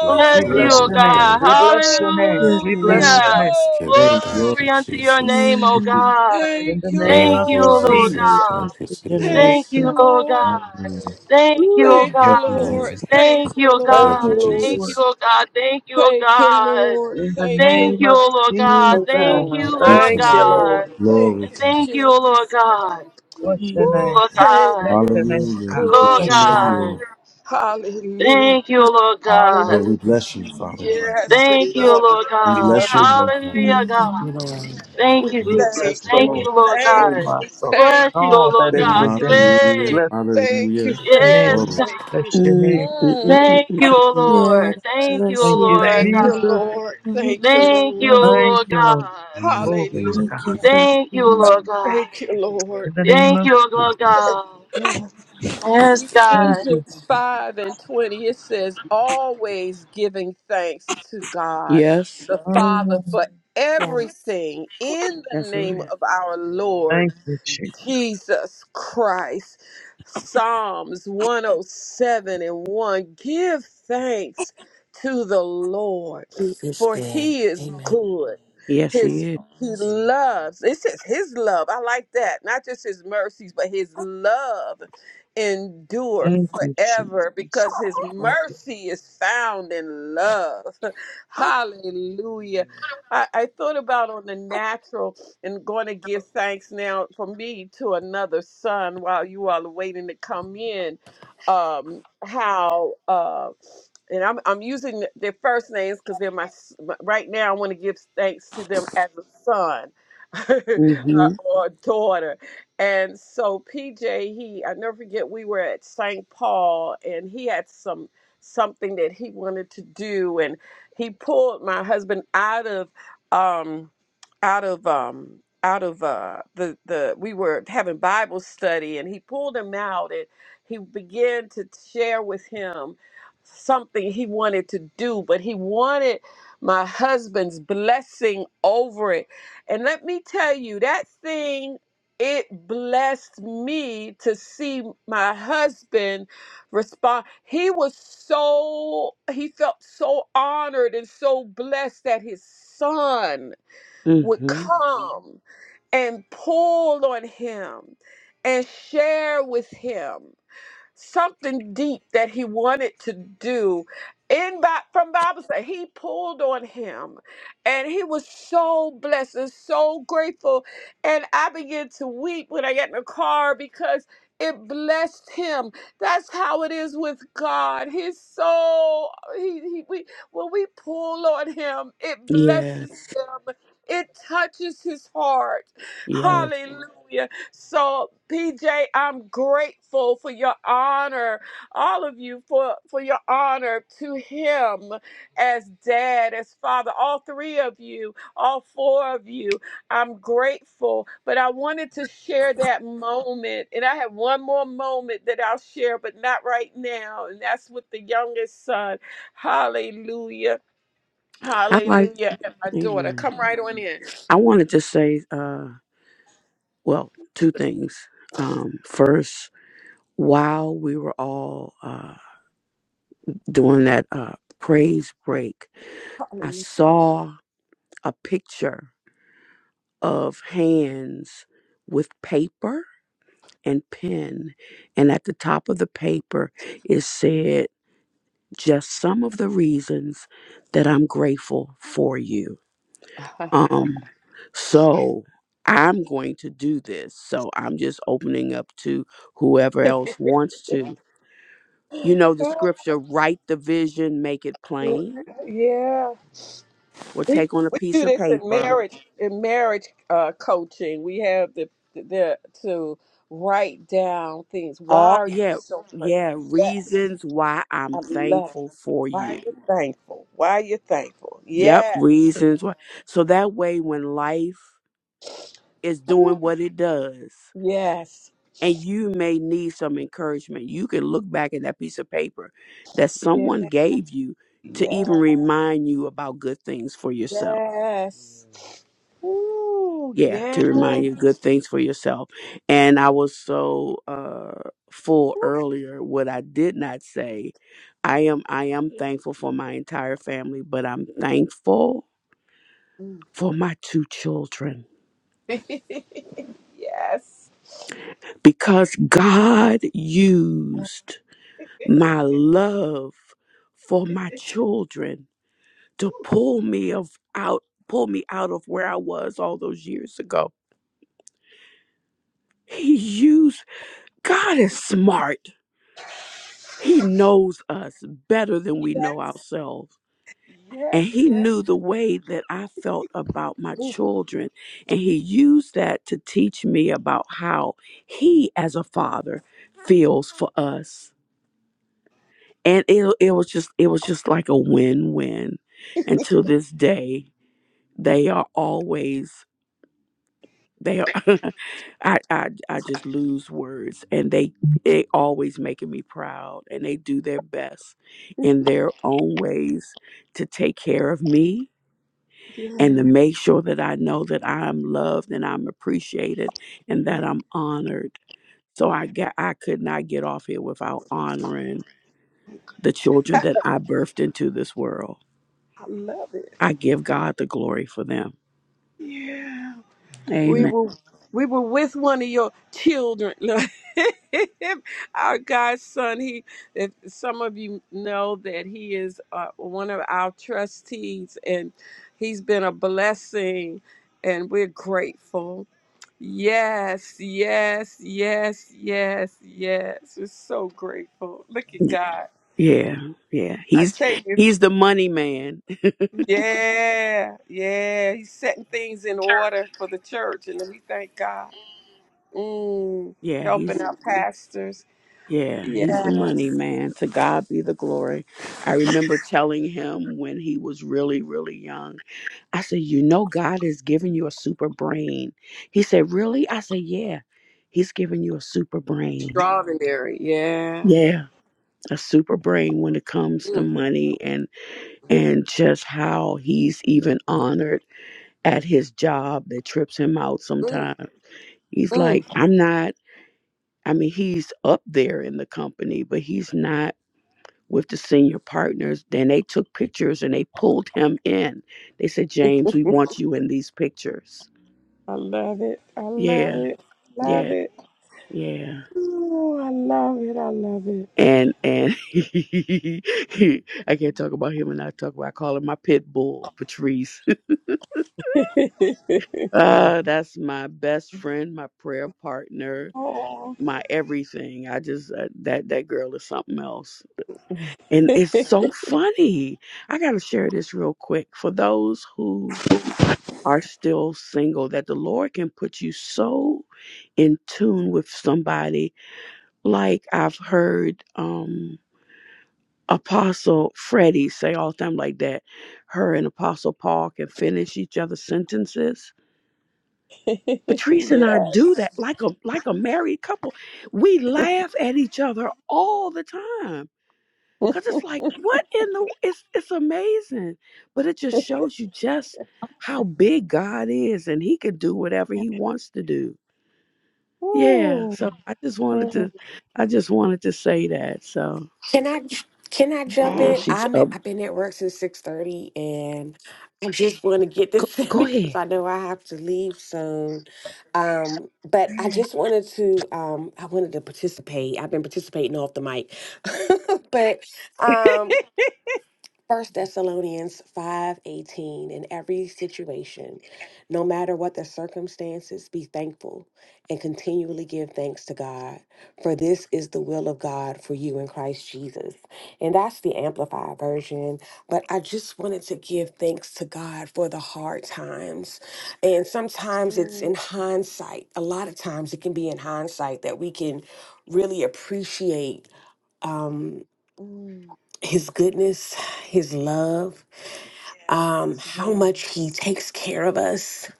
K: We
H: Bless
E: We
K: come to
H: you,
J: Lord.
A: worthy.
E: bless
H: O
K: you
E: your
K: with
E: name.
A: You're
H: God.
E: We
K: thanks.
E: bless your
A: so
E: name.
I: Yes,
D: Mm.
E: We
A: worthy. You're
E: bless
I: God.
D: Mm.
E: your
H: Hallelujah.
E: name.
A: so
J: Glory.
K: Thanksgiving.
J: Hey,
K: Thank
J: glory.
K: you,
A: worthy.
H: Glory unto your
K: Jesus.
H: name, O
J: Thank you, Jesus.
I: Mm,
H: God.
E: In the
A: Thank you,
E: name
H: Thank
E: of
K: Thank
H: you,
K: you,
H: O
A: Lord.
H: Lord
K: Jesus.
E: Jesus.
H: God.
I: generations
K: Thank you,
I: to
A: Thank
H: Thank
K: Jesus.
H: you,
A: you,
I: generations.
H: O
A: Lord.
H: God.
J: Hallelujah.
H: Thank you, O
I: Woo.
A: Thank you,
H: God.
J: Thank you,
K: Mm,
A: Lord.
J: Jesus.
A: Thank
H: Thank you,
A: you,
H: O
E: Thank
A: Lord.
K: Thank
E: you,
K: you,
H: God. Thank you,
E: Lord.
K: Jesus.
H: O God. Thank you, O
A: Thank you,
H: God.
A: Lord.
E: In the
A: Thank you,
H: Thank
E: name
H: you,
E: of
H: O
A: Lord.
H: Lord God.
C: Thank you,
H: Thank
E: Jesus.
J: Thank
C: Lord.
H: you,
J: you,
A: Thank
C: Thank
H: Lord
C: you,
A: you,
E: Thank
J: Jesus.
E: you,
C: Lord.
A: Lord.
E: Lord.
H: God.
J: Glory,
A: Thank you,
J: Father.
H: Thank you, O
A: Jesus.
H: Lord God.
E: Bless your
I: Mm,
E: name.
A: Ooh,
H: Lord
A: thank
H: God.
E: Bless your
A: you.
E: name,
A: It's
J: Hallelujah. We
E: God.
H: Lord
J: bless
A: good.
C: Thank
J: your
E: Bless
C: you,
E: your
J: name,
C: God.
E: name.
H: God.
J: Lord.
A: Hallelujah.
H: Thank you, Lord God.
J: Lord, we
E: Hallelujah.
J: bless you,
E: My soul
J: Father.
E: loves
A: Yes,
E: you.
H: Thank you,
E: Love
A: Lord.
E: you,
H: Lord
E: Lord.
J: We
E: We
H: God.
E: love
J: bless your
E: you,
J: name,
E: Lord.
H: Hallelujah,
C: Thank
H: God.
I: mm,
C: you, Lord.
H: Thank
A: We
H: you,
E: We'll
J: Father.
H: Jesus.
E: bless
A: thank
E: the
A: you.
H: Thank
A: We
E: Lord.
H: you, Lord
A: thank
E: Oh,
H: God.
A: you.
C: Mm.
E: my
A: We
E: soul,
A: thank
E: and
H: Bless
A: you.
H: you, O
E: all that
H: Lord
E: is
H: God.
D: Mm. Mm.
E: within me.
J: Hallelujah.
H: Hey.
E: Bless
A: Thank you.
J: Hallelujah.
E: your
A: Thank you.
H: Yes,
E: name.
J: Glory.
H: God.
A: Thank you.
E: Bless your
D: Mm.
E: name.
D: Mm.
A: Mm.
H: Thank
D: Mm.
H: you, O
D: Mm.
I: yes,
H: Lord. Thank you,
I: bless
H: O
E: Thank
I: your
E: you,
H: Lord
A: Thank you,
I: name.
E: Jesus.
H: God.
A: Lord.
I: I
A: Thank you,
I: bless
H: Thank you,
I: your
A: Lord.
H: O
E: Thank
H: Lord
I: name.
E: you, Lord.
H: God.
E: Glory
J: Hallelujah.
E: to
A: Hallelujah.
E: God.
I: Thank you,
H: Thank you,
I: Father.
H: Lord
E: In
H: God.
A: Thank you, Lord.
E: the name
H: Thank
E: of
H: you, Lord
E: Jesus.
H: God.
A: Lord.
H: Yes,
E: Thank
H: God.
E: you.
A: Ephesians 5 and 20, it says, Always giving thanks to God
D: Yes,
A: the Father
E: Amen.
A: for
C: Yeah.
A: everything in the
D: that's
A: name
D: right.
A: of our Lord.
E: Thank you, Jesus.
A: Jesus Christ. Psalms 107 and 1. Give thanks to the Lord,
C: He is
A: for
C: good.
A: he is
C: Amen.
A: good.
D: Yes, he
A: His
D: is.
A: he loves. It says his love. I like that. Not just his mercies, but his love endure
E: Thank you,
A: forever
E: Jesus.
A: because his mercy is found in love. Hallelujah. I, I thought about on the natural and going to give thanks now for me to another son while you all are waiting to come in. Um, how uh, and I'm I'm using their first names because they're my s- right now. I want to give thanks to them as a son uh,
D: Mhm.
A: or daughter. And so PJ, he I never forget we were at St. Paul and he had some something that he wanted to do and he pulled my husband out of. Um, out of um out of uh the the we were having Bible study and he pulled him out and he began to share with him something he wanted to do but he wanted my husband's blessing over it and let me tell you that thing it blessed me to see my husband respond he was so he felt so honored and so blessed that his son would Mhm.
D: Mhm.
A: come and pull on him and share with him something deep that he wanted to do in Bi- from Bible study. He pulled on him, and he was so blessed and so grateful. And I began to weep when I got in the car because it blessed him. That's how it is with God. He's so he, he we when we pull on him, it
D: Yes.
A: blesses him. It touches his heart.
D: Yes.
A: Hallelujah. So, PJ, I'm grateful for your honor, all of you for for your honor to him as dad, as father, all three of you, all four of you. I'm grateful, but I wanted to share that moment, and I have one more moment that I'll share, but not right now, and that's with the youngest son. Hallelujah.
D: I like.
A: Hallelujah. And my daughter,
D: Amen.
A: come right on in.
D: I wanted to say, uh, well, two things. Um, first, while we were all uh, doing that uh, praise break, I
A: Hallelujah.
D: saw a picture of hands with paper and pen, and at the top of the paper it said, "Just some of the reasons that I'm grateful for you." Um, so I'm going to do this. So I'm just opening up to whoever else wants to. You know the scripture, write the vision, make it plain,
A: Yeah.
D: or
A: We
D: take on a
A: we
D: piece
A: do
D: of
A: this in
D: paper.
A: marriage in marriage uh, coaching. We have the the to write down things. Why
D: All
A: are you
D: yeah,
A: so grateful?
D: yeah,
A: Yes,
D: reasons why I'm
A: I love. It.
D: thankful for
A: Why are
D: you.
A: you thankful? Why are you thankful?
D: Yep,
A: Yes,
D: reasons why. So that way when life is doing what it does,
A: yes,
D: and you may need some encouragement. You can look back at that piece of paper that
A: yes,
D: someone gave you to
A: yes,
D: even remind you about good things for yourself.
A: yes. Ooh,
D: Yeah,
A: yes,
D: to remind you good things for yourself. And I was so uh full earlier what I did not say. I am I am thankful for my entire family, but I'm thankful for my two children
A: yes, yes,
D: because God used my love for my children to pull me of out pull me out of where I was all those years ago. He used God is smart. He knows us better than we know ourselves. And
A: yes. yes.
D: he knew the way that I felt about my
A: Mm,
D: children. And he used that to teach me about how he as a father feels for us. And it, it was just it was just like a win-win. And to this day, they are always They, are, I, I, I just lose words, and they, they always making me proud, and they do their best in their own ways to take care of me
A: yeah,
D: and to make sure that I know that I'm loved and I'm appreciated and that I'm honored. So I got, I could not get off here without honoring the children that I birthed into this world.
A: I love it.
D: I give God the glory for them.
A: Yeah. We
D: Amen.
A: were we were with one of your children. Look, our godson, he if some of you know that he is uh, one of our trustees and he's been a blessing and we're grateful. Yes, yes, yes, yes, yes. We're so grateful. Look at God.
D: Yeah, yeah.
A: I
D: He's
A: tell you,
D: he's the money man.
A: yeah, yeah. He's setting things in order for the church and we thank God. Mm,
D: Yeah,
A: helping
D: he's
A: out pastors.
D: yeah, he's the money
A: Yes.
D: man. To God be the glory. I remember telling him when he was really, really young. I said, "You know, God is giving you a super brain." He said, "Really?" I said, "Yeah, He's giving you a super brain."
A: Extraordinary. Yeah.
D: Yeah, a super brain when it comes to
A: Mm,
D: money and and just how he's even honored at his job that trips him out
A: mm,
D: sometimes. He's like,
A: mm.
D: "I'm not." I mean, he's up there in the company, but he's not with the senior partners. Then they took pictures and they pulled him in. They said, James, we want you in these pictures.
A: I love it. I love
D: Yeah,
A: it. Love
D: yeah,
A: it.
D: yeah.
A: Ooh, I love it. I love
D: And and I can't talk about him and I talk about I call him my pit bull, Patrice.
A: it.
D: uh, that's my best friend, my prayer partner,
A: oh.
D: my everything. I just uh, that that girl is something else. And it's so funny. I got to share this real quick for those who are still single, that the Lord can put you so in tune with somebody. Like I've heard um Apostle Freddie say all the time like that. Her and Apostle Paul can finish each other's sentences. Patrice and I
A: yeah.
D: do that like a like a married couple. We laugh at each other all the time. Cause it's like, what in the it's it's amazing. But it just shows you just how big God is and he can do whatever he wants to do Yeah,
A: Ooh.
D: so I just wanted
A: Mm,
D: to, I just wanted to say that. So
C: Can I can I jump
D: yeah,
C: in?
A: Wow.
D: she's
C: I'm
D: up.
C: I've been at work since six thirty, and I just want to get
D: Go,
C: this in
D: go
C: because
D: ahead.
C: I know I have to leave soon. Um, but I just wanted to um, I wanted to participate. I've been participating off the mic, but um, First Thessalonians 5:18 in every situation no matter what the circumstances be thankful and continually give thanks to God for this is the will of God for you in Christ Jesus and that's the amplified version but I just wanted to give thanks to God for the hard times and sometimes it's
A: Mm,
C: in hindsight a lot of times it can be in hindsight that we can really appreciate um
A: mm.
C: his goodness, his love, um, how much He
A: Yes.
C: takes care of us,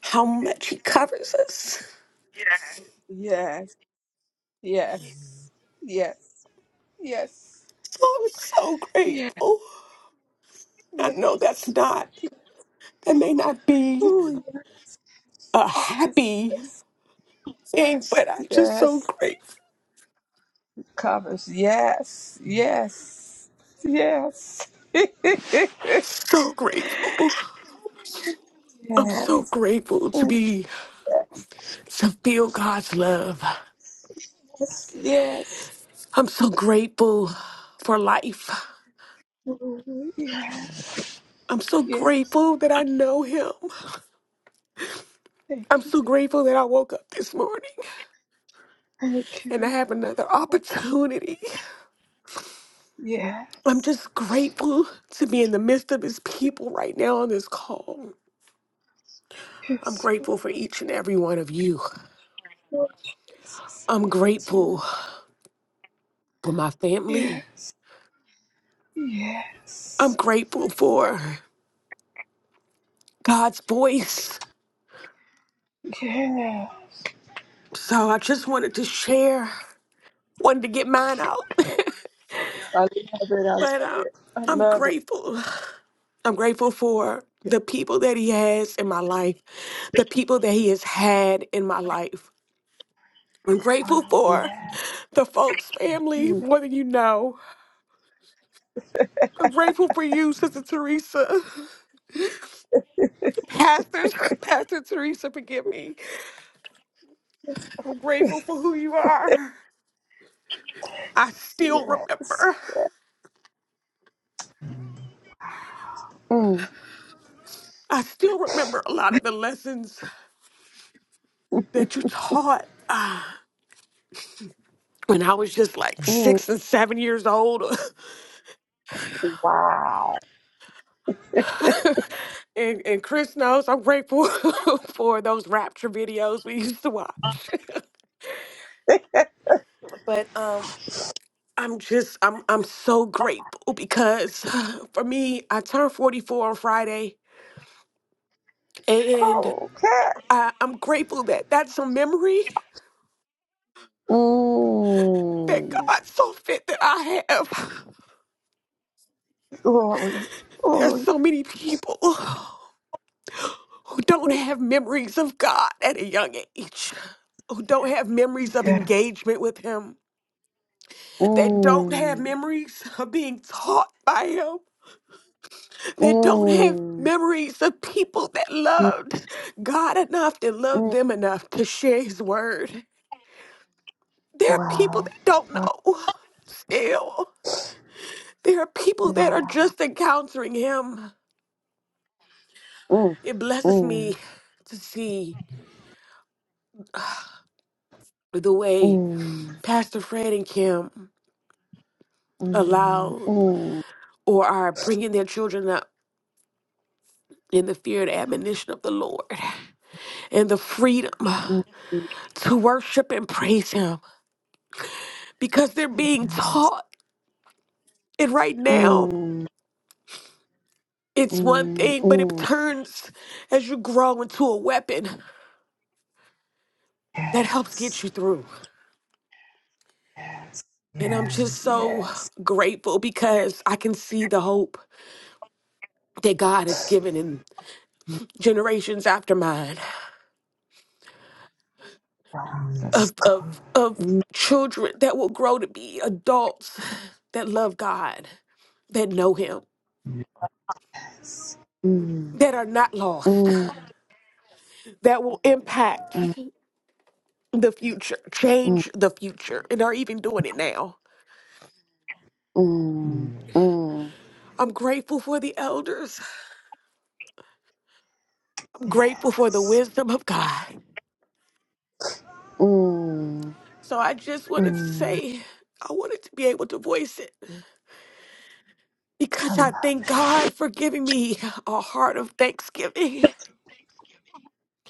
C: how much He covers us.
A: Yes. Yes. Yes. Yes.
C: So I'm so
A: Yes.
C: grateful. I know that's
A: Yes.
C: not, that may not be
A: Oh,
C: a happy
A: yes.
C: thing, but I'm just so
A: Yes.
C: grateful.
A: Covers. Yes. Yes. Yes. yes.
C: So grateful. I'm
A: Yes.
C: so grateful to be, to feel God's love.
A: Yes.
C: I'm so grateful for life.
A: Mhm. Yes.
C: I'm so
A: Yes.
C: grateful that I know Him.
A: Thank
C: I'm
A: you.
C: so grateful that I woke up this morning
A: Thank
C: and I
A: you.
C: have another opportunity I'm
A: Yes.
C: just grateful to be in the midst of his people right now on this call. I'm
A: Yes.
C: grateful for each and every one of you.
A: Lord Jesus.
C: I'm
A: Yes. Lord.
C: grateful for my family.
A: Yes.
C: I'm
A: Yes.
C: grateful for God's voice.
A: Yeah.
C: So I just wanted to share, wanted to get mine out.
A: I love it. I
C: but uh, I'm
A: love it. I love it.
C: grateful. I'm grateful for the people that he has in my life, the people that he has had in my life. I'm grateful
A: Wow.
C: for
A: Yeah.
C: the folks, family,
A: Mm.
C: more than you know. I'm grateful for you, Sister Teresa. Pastor, Pastor Teresa, forgive me. I'm grateful for who you are. I still
A: Yes.
C: remember.
A: Mm.
C: I still remember a lot of the lessons that you taught uh, when I was just like
A: Mm.
C: six and seven years old.
A: Wow.
C: and, and Chris knows I'm grateful for those rapture videos we used to watch. but um, I'm just I'm I'm so grateful because for me, I turned 44 on Friday And
A: Okay.
C: I, I'm grateful that that's a memory that
A: Mm,
C: God saw fit that I have.
A: Glory,
C: There's
A: glory.
C: so many people who don't have memories of God at a young age, who don't have memories of
A: Yeah.
C: engagement with Him, that don't have
A: mm,
C: memories of being taught by Him, that don't have
A: mm,
C: memories of people that
A: mm,
C: loved God enough, that loved
A: mm,
C: them enough to share His word. There are people
A: Wow.
C: that don't
A: Wow.
C: know still. There are people that are
A: Wow.
C: just encountering him.
A: mm,
C: It blesses
A: mm,
C: me to see the way Pastor Fred and Kim
A: mm, mm,
C: allow or are bringing their children up in the fear and admonition of the Lord and the freedom
A: mm, mm.
C: to worship and praise him because they're being
A: Yes.
C: taught. And right now,
A: Mm,
C: it's one
A: mm,
C: thing, but it
A: mm,
C: turns as you grow into a weapon that helps get
A: Yes.
C: you through. And I'm just
A: Yes.
C: so
A: Yes.
C: grateful because I can see the hope that God has given in generations after mine
A: Wow. That's
C: of of of
A: good.
C: children that will grow to be adults that love God, that know him,
A: Yes. mm,
C: that are not lost,
A: mm,
C: that will impact
A: mm,
C: the future,
A: mm,
C: change the future, and are even doing it now.
A: mm, mm.
C: I'm grateful for the elders. I'm grateful for the
A: Yes.
C: wisdom of God.
A: mm.
C: So I just wanted to
A: Mm,
C: say I wanted to be able to voice it because I
A: Allah.
C: thank God for giving me a heart of thanksgiving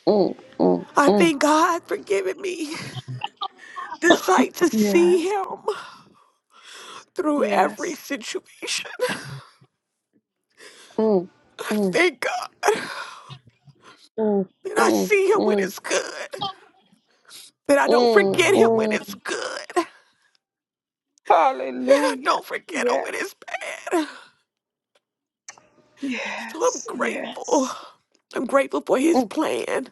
A: Mm, mm,
C: I
A: mm,
C: thank God for giving me the sight to see
A: Yes,
C: Him through every
A: yes.
C: situation.
A: mm,
C: I
A: mm,
C: thank God
A: mm,
C: that I
A: mm,
C: see Him when
A: mm,
C: it's good, that I don't forget Him when
A: mm,
C: it's good, I
A: Hallelujah. mm. Hallelujah.
C: don't forget Him when
A: Yes,
C: it's bad. So I'm
A: yes,
C: grateful.
A: yes,
C: I'm grateful for His
A: Mm,
C: plan.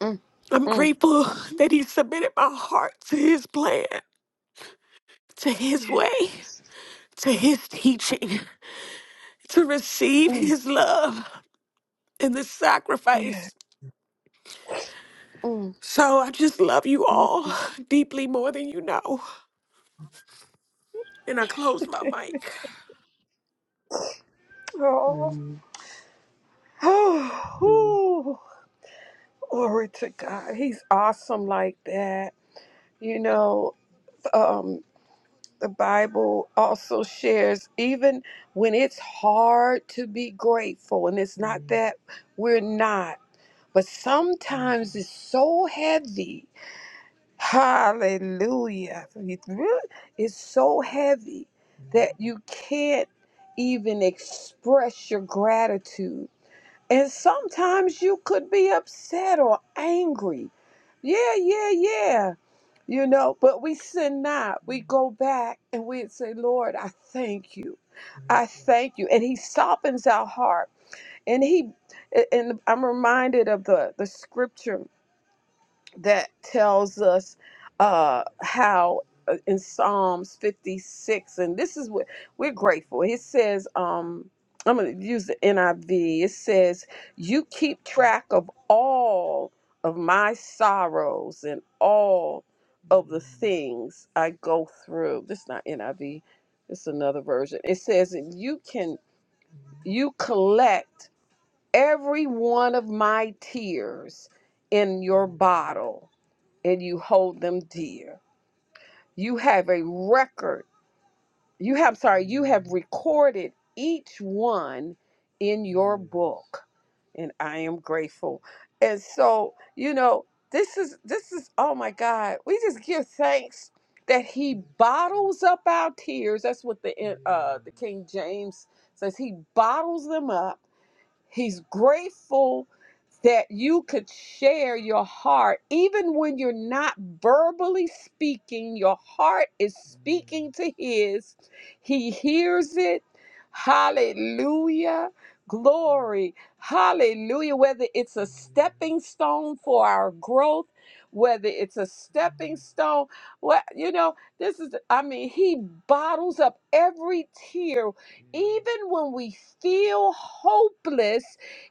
A: mm,
C: I'm
A: mm,
C: grateful that He submitted my heart to His plan, to His way,
A: yes,
C: to His teaching, to receive
A: mm,
C: His love and the sacrifice.
A: yes. mm,
C: So I just love you all
A: mm.
C: deeply more than you know. And I close my mic.
A: Oh, Hallelujah. oh, glory to God. He's awesome like that. You know, um, the Bible also shares, even when it's hard to be grateful, and it's not Mhm. that we're not, but sometimes it's so heavy. Hallelujah. It's really it's so heavy that you can't even express your gratitude. And sometimes you could be upset or angry. Yeah, yeah, yeah. You know, but we sin not. We go back and we say, Lord, I thank you. I thank you. And he softens our heart. And he and I'm reminded of the, the scripture that tells us uh, how uh, in Psalms 56, and this is what we're grateful. It says, um, I'm going to use the NIV. It says, You keep track of all of my sorrows and all of the things I go through. This is not NIV. It's another version. It says that you can you collect every one of my tears in your bottle and you hold them dear. You have a record. You have, sorry, you have recorded each one in your book. And I am grateful. And so, you know, this is, this is, oh my God, we just give thanks that he bottles up our tears. That's what the, uh, the King James says. He bottles them up He's grateful that you could share your heart. Even when you're not verbally speaking, your heart is speaking to his. He hears it. Hallelujah. Glory. Hallelujah. Whether it's a stepping stone for our growth, whether it's a stepping stone, what you know, this is I mean, he bottles up every tear even when we feel hopeless,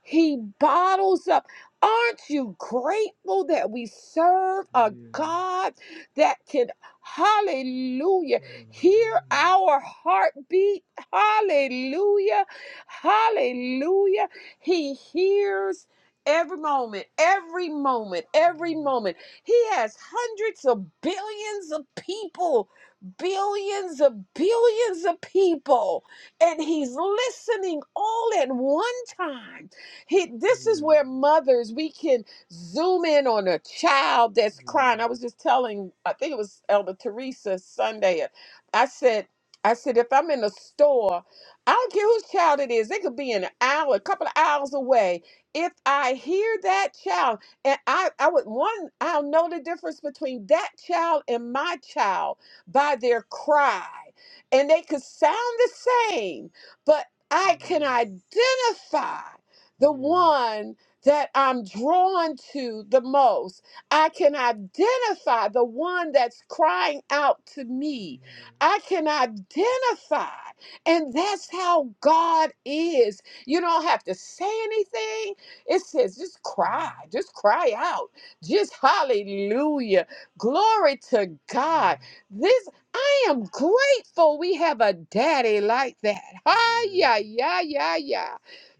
A: He bottles up. Aren't you grateful that we serve a Yeah. God that can, hallelujah, hear our heartbeat? Hallelujah. Hallelujah. He hears every moment, every moment, every moment. He has hundreds of billions of people, billions of billions of people and he's listening all at one time. He, this is where mothers, we can zoom in on a child that's crying. I was just telling, I think it was Elder Teresa Sunday. uh, I said, I said, if I'm in a store, I don't care whose child it is, they could be an hour, a couple of hours away. If I hear that child, and I, I would one, I'll know the difference between that child and my child by their cry and they could sound the same, but I can identify the one that I'm drawn to the most. I can identify the one that's crying out to me. I can identify. And that's how God is. You don't have to say anything. It says just cry, just cry out. Just hallelujah. Glory to God. This I am grateful we have a daddy like that. Ah, yeah, yeah, yeah, yeah.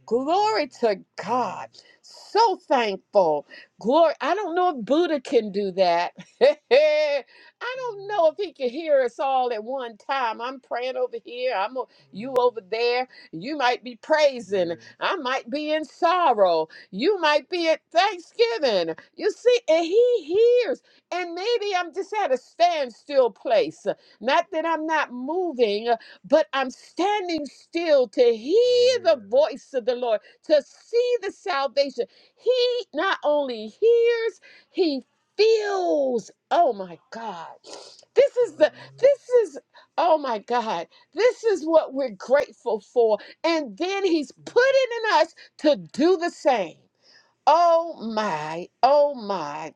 A: Glory to God. So thankful. Glory. I don't know if Buddha can do that. I don't know if he can hear us all at one time. I'm praying over here. I'm o- you over there. You might be praising. I might be in sorrow. You might be at Thanksgiving. You see, and he hears. And maybe I'm just at a standstill place. Not that I'm not moving, uh, but I'm standing still to hear the voice of the Lord, to see the salvation. He not only hears, he feels. Oh my God. This is the, this is, oh my God. This is what we're grateful for. And then he's putting in us to do the same. Oh my, oh my.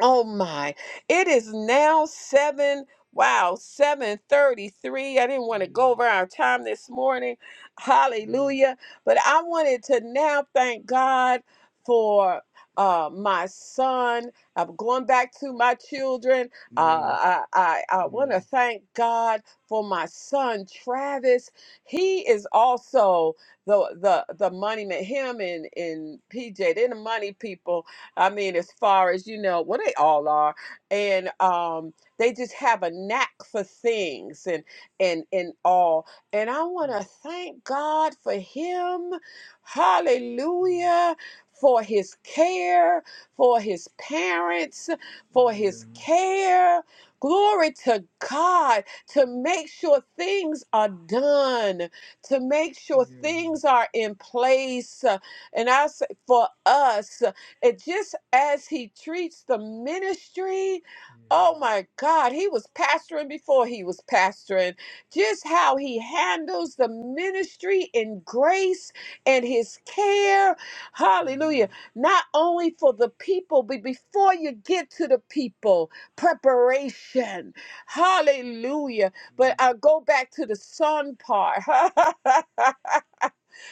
A: Oh my. It is now 7 wow, 7:33. I didn't want to go over our time this morning. Hallelujah. But I wanted to now thank God for uh, my son. I'm going back to my children. Uh, I, I, I want to thank God for my son Travis. He is also the the the money man. Him and and PJ. They're the money people I mean, as far as you know, well, they all are, and um, they just have a knack for things and and and all. And I want to thank God for Him, Hallelujah, for His care, for His parents, for His Mhm. care. Glory to God to make sure things are done, to make sure Mhm. things are in place. Uh, And I say for us. And just as he treats the ministry, oh my God, he was pastoring before he was pastoring. Just how he handles the ministry in grace and his care. Hallelujah. Not only for the people, but before you get to the people, preparation. Hallelujah. But I'll go back to the son part.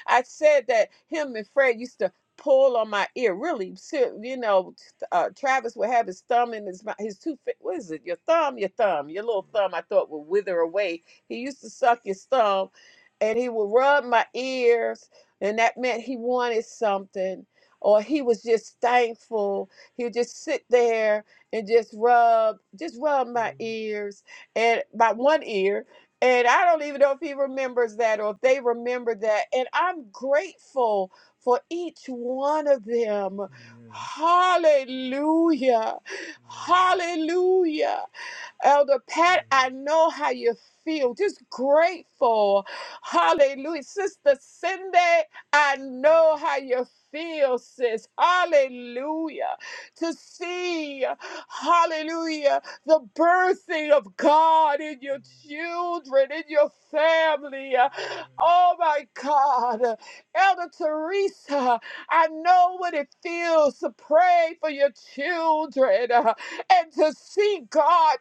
A: I said that him and Fred used to pull on my ear, really. ser- You know, uh, Travis would have his thumb in his mouth, his two, fi- what is it? Your thumb, your thumb, your little thumb. I thought would wither away. He used to suck his thumb, and he would rub my ears, and that meant he wanted something, or he was just thankful. He would just sit there and just rub, just rub my ears, and my one ear. And I don't even know if he remembers that or if they remember that. And I'm grateful for each one of them. Hallelujah. Hallelujah. Elder Pat, I know how you feel. Just grateful. Hallelujah. Sister Cindy, I know how you feel, sis. Hallelujah. To see, hallelujah, the birthing of God in your children, in your family. Oh my God. Elder Teresa, I know what it feels to pray for your children uh, and to see God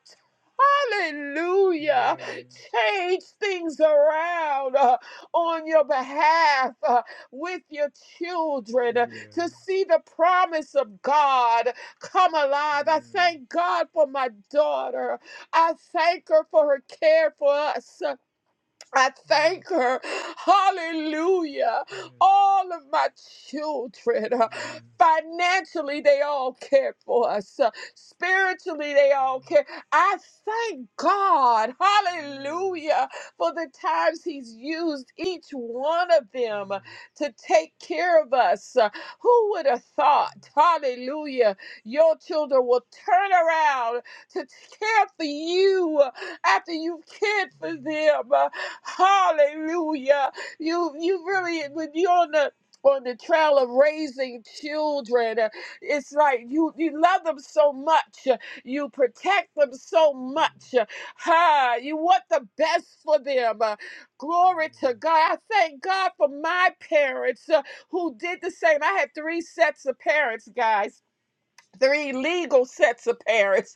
A: Hallelujah. Change things around uh, on your behalf uh, with your children uh, to see the promise of God come alive. I thank God for my daughter. I thank her for her care for us. uh, I thank her. Hallelujah. All of my children, uh, financially, they all care for us. Uh, Spiritually, they all care. I thank God. Hallelujah. For the times He's used each one of them to take care of us. Uh, Who would have thought? Hallelujah. Your children will turn around to care for you after you've cared for them. Uh, hallelujah. You you really when you're on the on the trail of raising children, uh, it's like you you love them so much, uh, you protect them so much, uh, ha, you want the best for them. Uh, glory to God! I thank God for my parents uh, who did the same. I had three sets of parents, guys. Three legal sets of parents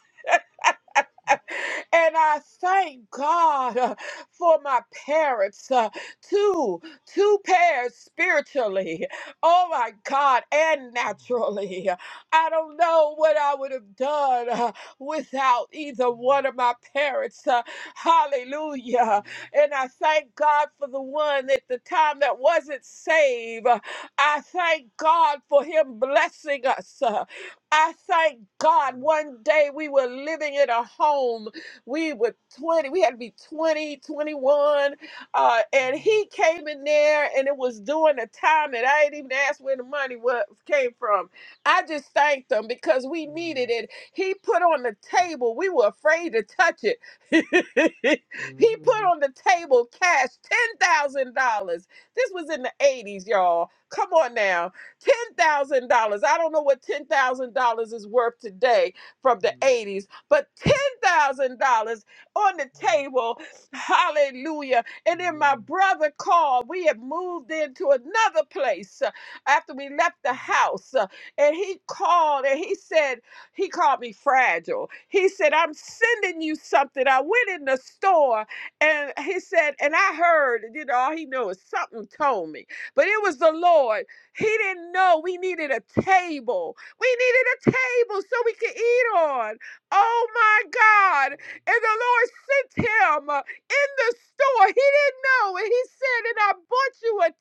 A: and I thank God uh, for my parents, uh, two, two pairs spiritually. Oh my God, and naturally. I don't know what I would have done uh, without either one of my parents. uh, hallelujah. And I thank God for the one at the time that wasn't saved. Uh, I thank God for him blessing us. Uh, I thank God one day we were living in a home. We were 20, we had to be 20, 21, Uh, and he came in there and it was during the time that I didn't even ask where the money was, came from. I just thanked him because we needed it. He put on the table, we were afraid to touch it. he put on the table cash $10,000. This was in the 80s, y'all. Come on now $10,000. I don't know what $10,000 is worth today from the 80s, but $10,000 on the table. Hallelujah. And then my brother called. We had moved into another place uh, after we left the house. uh, And he called and he said, he called me fragile. He said, I'm sending you something. I went in the store and he said, and I heard, you know, all he knew is something told me. But it was the Lord. He didn't know we needed a table. We needed a table so we could eat on. Oh my God. And the Lord sent him uh, in the store. He didn't know. And he said, And I bought you a a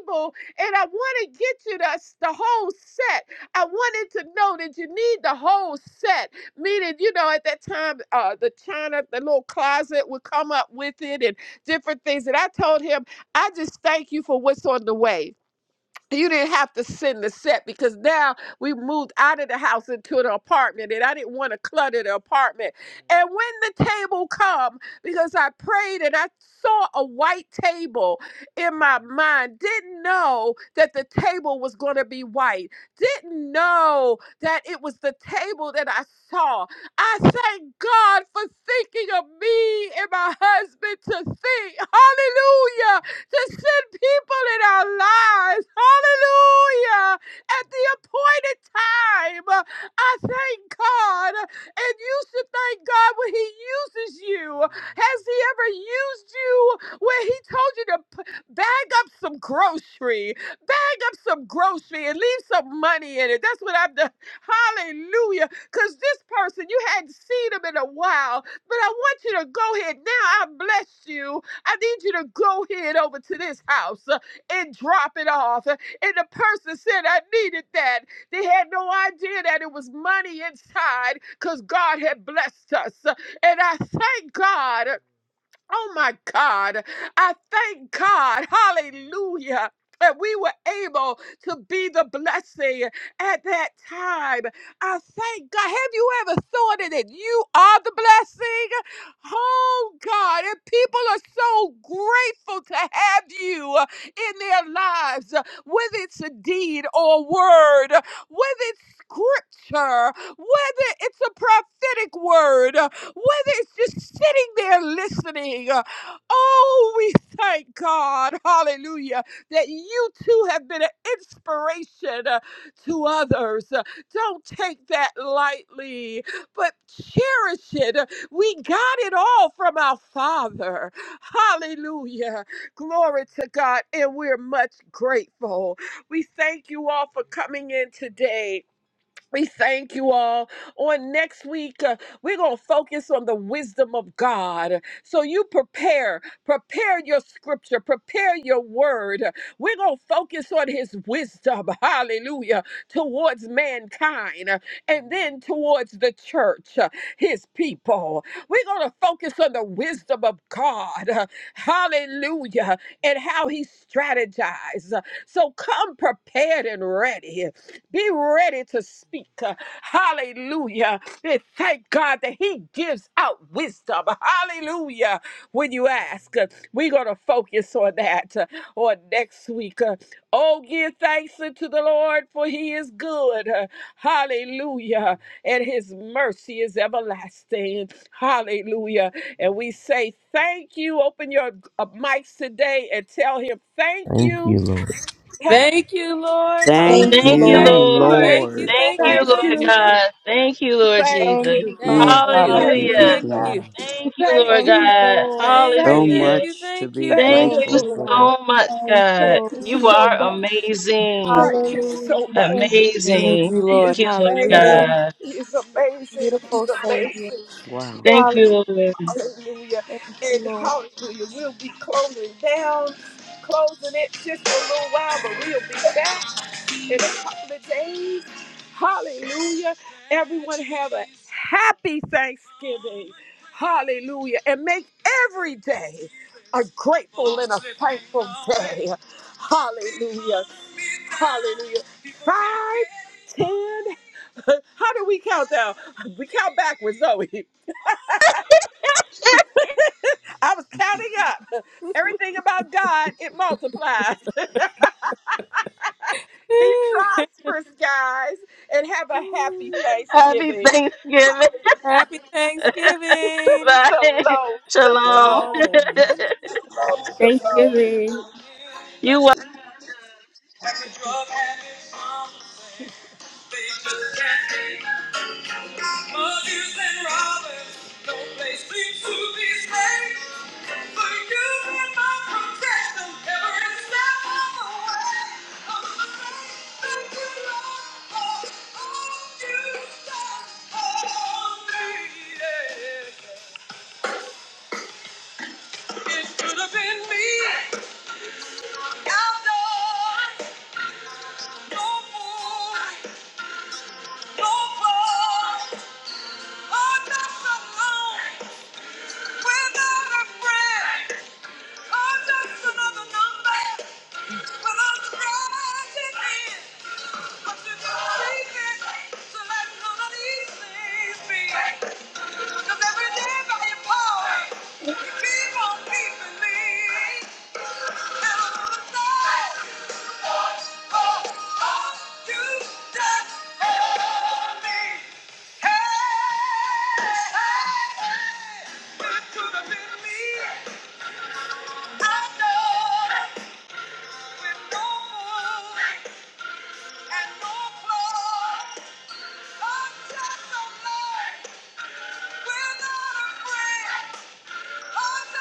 A: table and I want to get you the, the whole set. I wanted to know that you need the whole set. Meaning, you know, at that time, uh, the china, the little closet would come up with it and different things. And I told him, I just thank you for what's on the way you didn't have to send the set because now we moved out of the house into an apartment and i didn't want to clutter the apartment and when the table come because i prayed and i saw a white table in my mind didn't know that the table was going to be white didn't know that it was the table that i saw i thank god for thinking of me and my husband to think hallelujah to send people in our lives. Hallelujah. At the appointed time. I thank God. And you should thank God when He uses you. Has He ever used you when He told you to p- bag up some grocery? Bag up some grocery and leave some money in it. That's what I've done. Hallelujah. Because this person, you hadn't seen him in a while, but I want you to go ahead now. I bless you. I need you to go head over to this house uh, and drop it off. And the person said, I needed that. They had no idea that it was money inside because God had blessed us. And I thank God. Oh my God. I thank God. Hallelujah. That we were able to be the blessing at that time. I thank God. Have you ever thought of it? that You are the blessing. Oh God. And people are so grateful to have you in their lives, whether it's a deed or a word, whether it's scripture, whether it's a prophetic word whether it's just sitting there listening. uh, Oh, we thank God, hallelujah, that you too have been an inspiration uh, to others. Uh, Don't take that lightly, but cherish it. Uh, We got it all from our Father. Hallelujah. Glory to God, and we're much grateful. We thank you all for coming in today. We thank you all. On next week, uh, we're going to focus on the wisdom of God. So you prepare, prepare your scripture, prepare your word. We're going to focus on his wisdom, hallelujah, towards mankind uh, and then towards the church, uh, his people. We're going to focus on the wisdom of God, uh, hallelujah, and how he strategized. So come prepared and ready. Be ready to speak. Hallelujah. And thank God that He gives out wisdom. Hallelujah. When you ask, we're going to focus on that uh, on next week. Uh, Oh, give thanks unto the Lord, for He is good. Uh, Hallelujah. And His mercy is everlasting. Hallelujah. And we say, Thank you. Open your uh, mics today and tell Him, Thank
B: Thank
A: you.
B: you, Lord.
A: Hey,
I: Thank you, Lord.
J: Thank
D: Thank
J: you,
H: Thank you,
D: you,
I: Hallelujah.
A: thank
J: Lord.
H: Lord.
A: you.
I: Thank
J: Hallelujah.
I: you,
D: Lord.
H: Thank
I: thank
H: you,
I: you,
J: Thank you,
A: Thank
I: thank
H: Lord
J: Jesus.
A: you.
I: you.
H: God. Thank you, Lord
A: Thank
J: Thank
H: Jesus.
A: you.
J: you,
D: Mm,
I: Thank
J: Father.
I: you.
D: mm, mm,
A: Thank
D: mm,
H: Hallelujah.
I: Thank
A: you.
J: Hallelujah.
I: you.
D: mm.
H: Thank you,
A: Thank
H: Lord
J: Thank
A: you.
J: you,
H: God.
J: Lord.
I: Thank you.
D: So
A: Thank you.
I: Thank
H: Hallelujah.
I: you.
D: much to
I: Thank
D: be
I: you.
A: Thank
H: Thank
J: Thank
A: you,
H: you
D: grateful
J: you,
A: Lord.
D: for.
J: Lord.
H: so much,
J: Thank you,
H: God.
A: Thank
J: Lord.
A: you
H: You
A: so
H: are
I: Mm.
A: much.
H: amazing.
A: Thank you so
J: Hallelujah.
A: much.
J: Thank you.
I: Thank
H: Amazing.
I: you,
A: He
I: Lord.
A: is
H: Thank you, Lord
I: Hallelujah.
A: amazing.
J: Thank
H: God.
A: He is
J: you,
A: amazing. He's
J: beautiful Savior.
A: amazing.
D: Wow.
A: And
H: Thank you,
J: Hallelujah.
H: Lord.
A: hallelujah.
J: Thank you,
A: And
J: Lord.
A: hallelujah. We'll be closing down, closing it just for a little while, but we'll be back. in a couple of days. Hallelujah. Everyone have a happy Thanksgiving. Hallelujah. And make every day a grateful and a thankful day. Hallelujah. Hallelujah. Five, ten. How do we count down? We count backwards, Zoe. I was counting up. Everything about God, it multiplies. Be prosperous, guys, and have a happy
H: Happy
A: Thanksgiving.
H: Thanksgiving.
I: Happy Thanksgiving.
A: Shalom,
H: Bye.
A: shalom,
H: Shalom.
A: shalom.
I: Shalom.
A: It
H: you
A: could have been me. Keep on keeping me. And I'm We're not afraid. Yeah, yeah,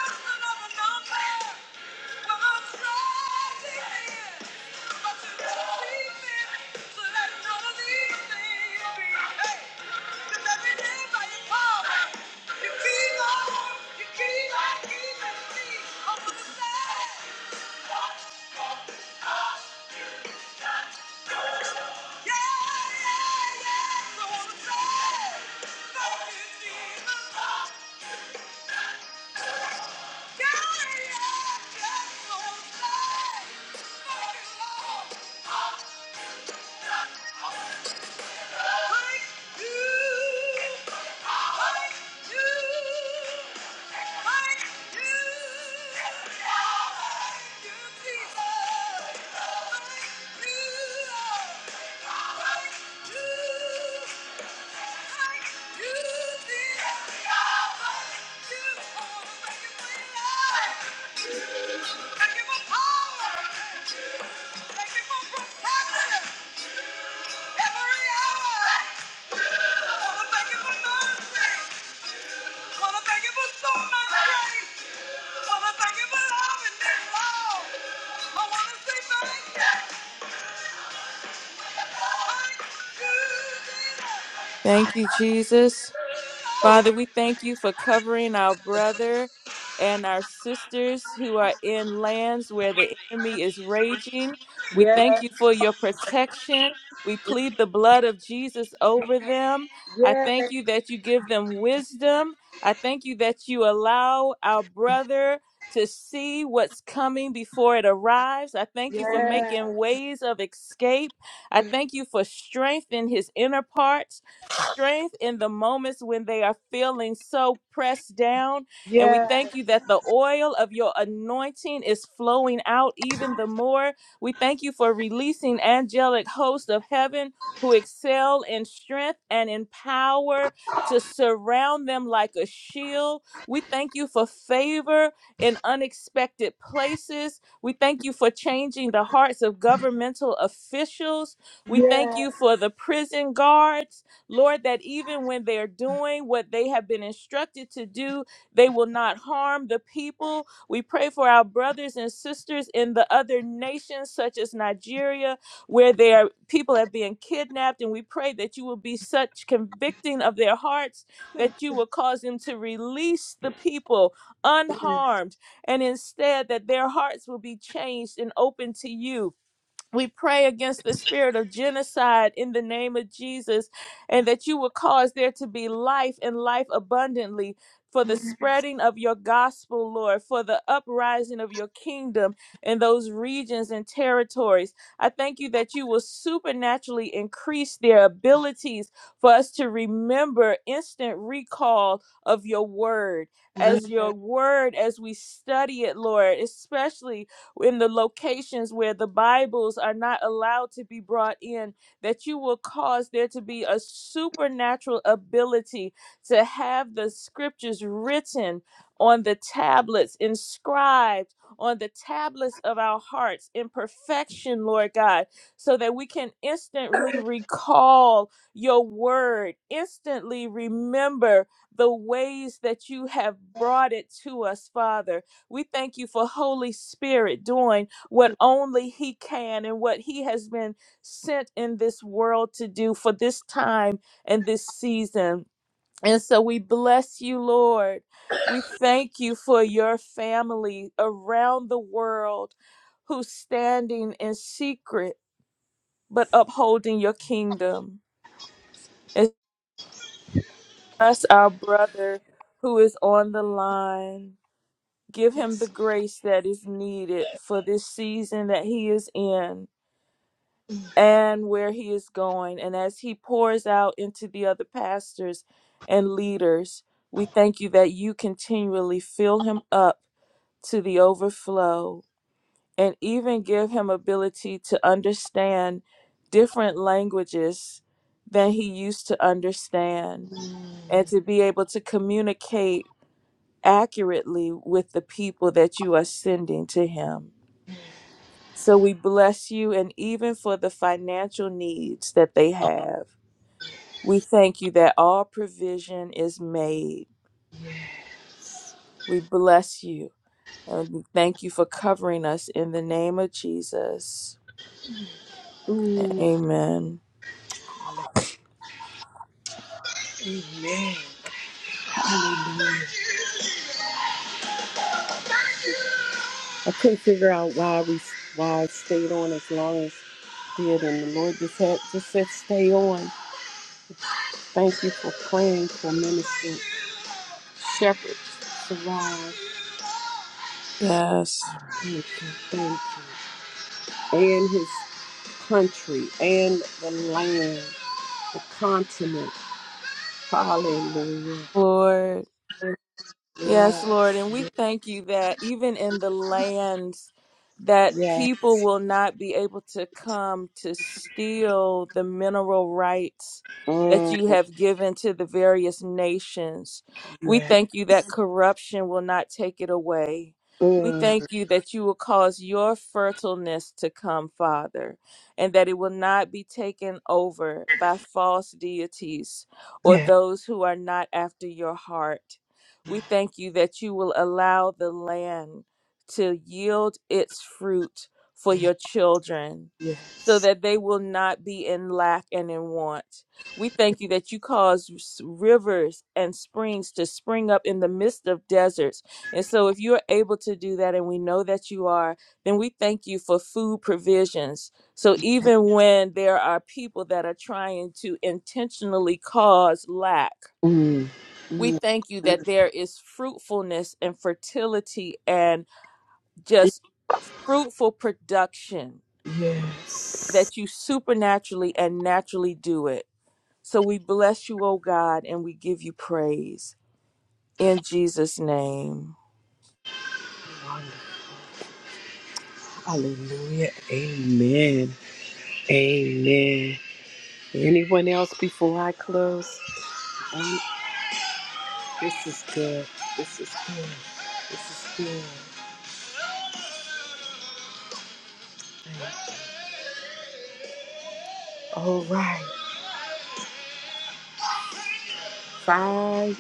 A: that's so sad. Thank you, Lord. Thank you.
I: Thank you, Jesus. Father, we thank you for covering our brother and our sisters who are in lands where the enemy is raging. We
A: Yeah,
I: thank you for your protection. We plead the blood of Jesus over them. I
A: yeah,
I: thank you that you give them wisdom. I thank you that you allow our brother to see what's coming before it arrives. I thank you for
A: yeah,
I: making ways of escape. I thank you for strength in his inner parts strength in the moments when they are feeling so pressed down. And we
A: yeah,
I: thank you that the oil of your anointing is flowing out even the more. We thank you for releasing angelic hosts of heaven who excel in strength and in power to surround them like a shield. We thank you for favor in unexpected places. We thank you for changing the hearts of governmental officials. We thank
A: yeah.
I: you for the prison guards. Lord, that even when they're doing what they have been instructed to do, they will not harm the people. We pray for our brothers and sisters in the other nations, such as Nigeria, where their people are being kidnapped. And we pray that you will be such convicting of their hearts that you will cause them to release the people unharmed, and instead that their hearts will be changed and open to you we pray against the spirit of genocide in the name of Jesus, and that you will cause there to be life and life abundantly for the spreading of your gospel, Lord, for the uprising of your kingdom in those regions and territories. I thank you that you will supernaturally increase their abilities for us to remember instant recall of your word. As your word, as we study it, Lord, especially in the locations where the Bibles are not allowed to be brought in, that you will cause there to be a supernatural ability to have the scriptures written on the tablets, inscribed on the tablets of our hearts in perfection, Lord God, so that we can instantly recall your word, instantly remember the ways that you have brought it to us, Father we thank you for Holy Spirit doing what only He can and what He has been sent in this world to do for this time and this season. And so we bless you, Lord. We thank you for your family around the world who's standing in secret but upholding your kingdom. It's us, our brother, who is on the line. Give him the grace that is needed for this season that he is in and where he is going. And as he pours out into the other pastors and leaders, we thank you that you continually fill him up to the overflow and even give him ability to understand different languages than he used to understand and to be able to communicate accurately with the people that you are sending to him. So we bless you and even for the financial needs that they have. We thank you that all provision is made. We bless you and we thank you for covering us in the name of Jesus. Amen.
A: I couldn't figure out why we why I stayed on as long as I did, and the Lord just had just said stay on. Thank you for praying for Minister Shepherd Sarah.
I: Yes.
A: Thank you, thank you. And his country and the land, the continent. Hallelujah.
I: Lord. Yes, Lord.
A: Yes,
I: And we
A: yes,
I: thank you that even in the lands that people
A: yes.
I: will not be able to come to steal the mineral rights that
A: Mm,
I: you have given to the various nations. We
A: yes,
I: thank you that corruption will not take it away. We
A: mm,
I: thank you that you will cause your fertileness to come, Father, and that it will not be taken over by false deities or
A: yes,
I: those who are not after your heart. We thank you that you will allow the land to yield its fruit for your children
A: yes.
I: so that they will not be in lack and in want. We thank you that you cause s- rivers and springs to spring up in the midst of deserts. And so, if you're able to do that, and we know that you are, then we thank you for food provisions. So, even when there are people that are trying to intentionally cause lack,
A: Mm,
I: we
A: mm,
I: thank you that there is fruitfulness and fertility and just fruitful production,
A: yes.
I: that you supernaturally and naturally do it. So we bless you, O God, and we give you praise. In Jesus' name.
A: Hallelujah. Amen. Amen. Anyone else before I close? Um, this is good. This is good. This is good. All right. Five.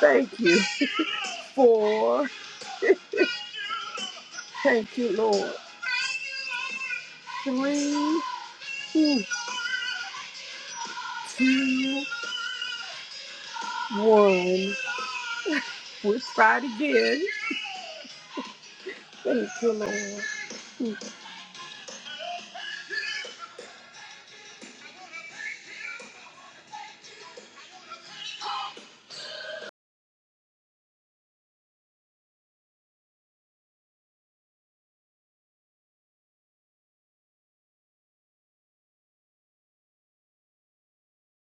A: Thank you. Four. Thank you, Lord. Three. Two. One. two, one. We're fried again. Thank you, Lord.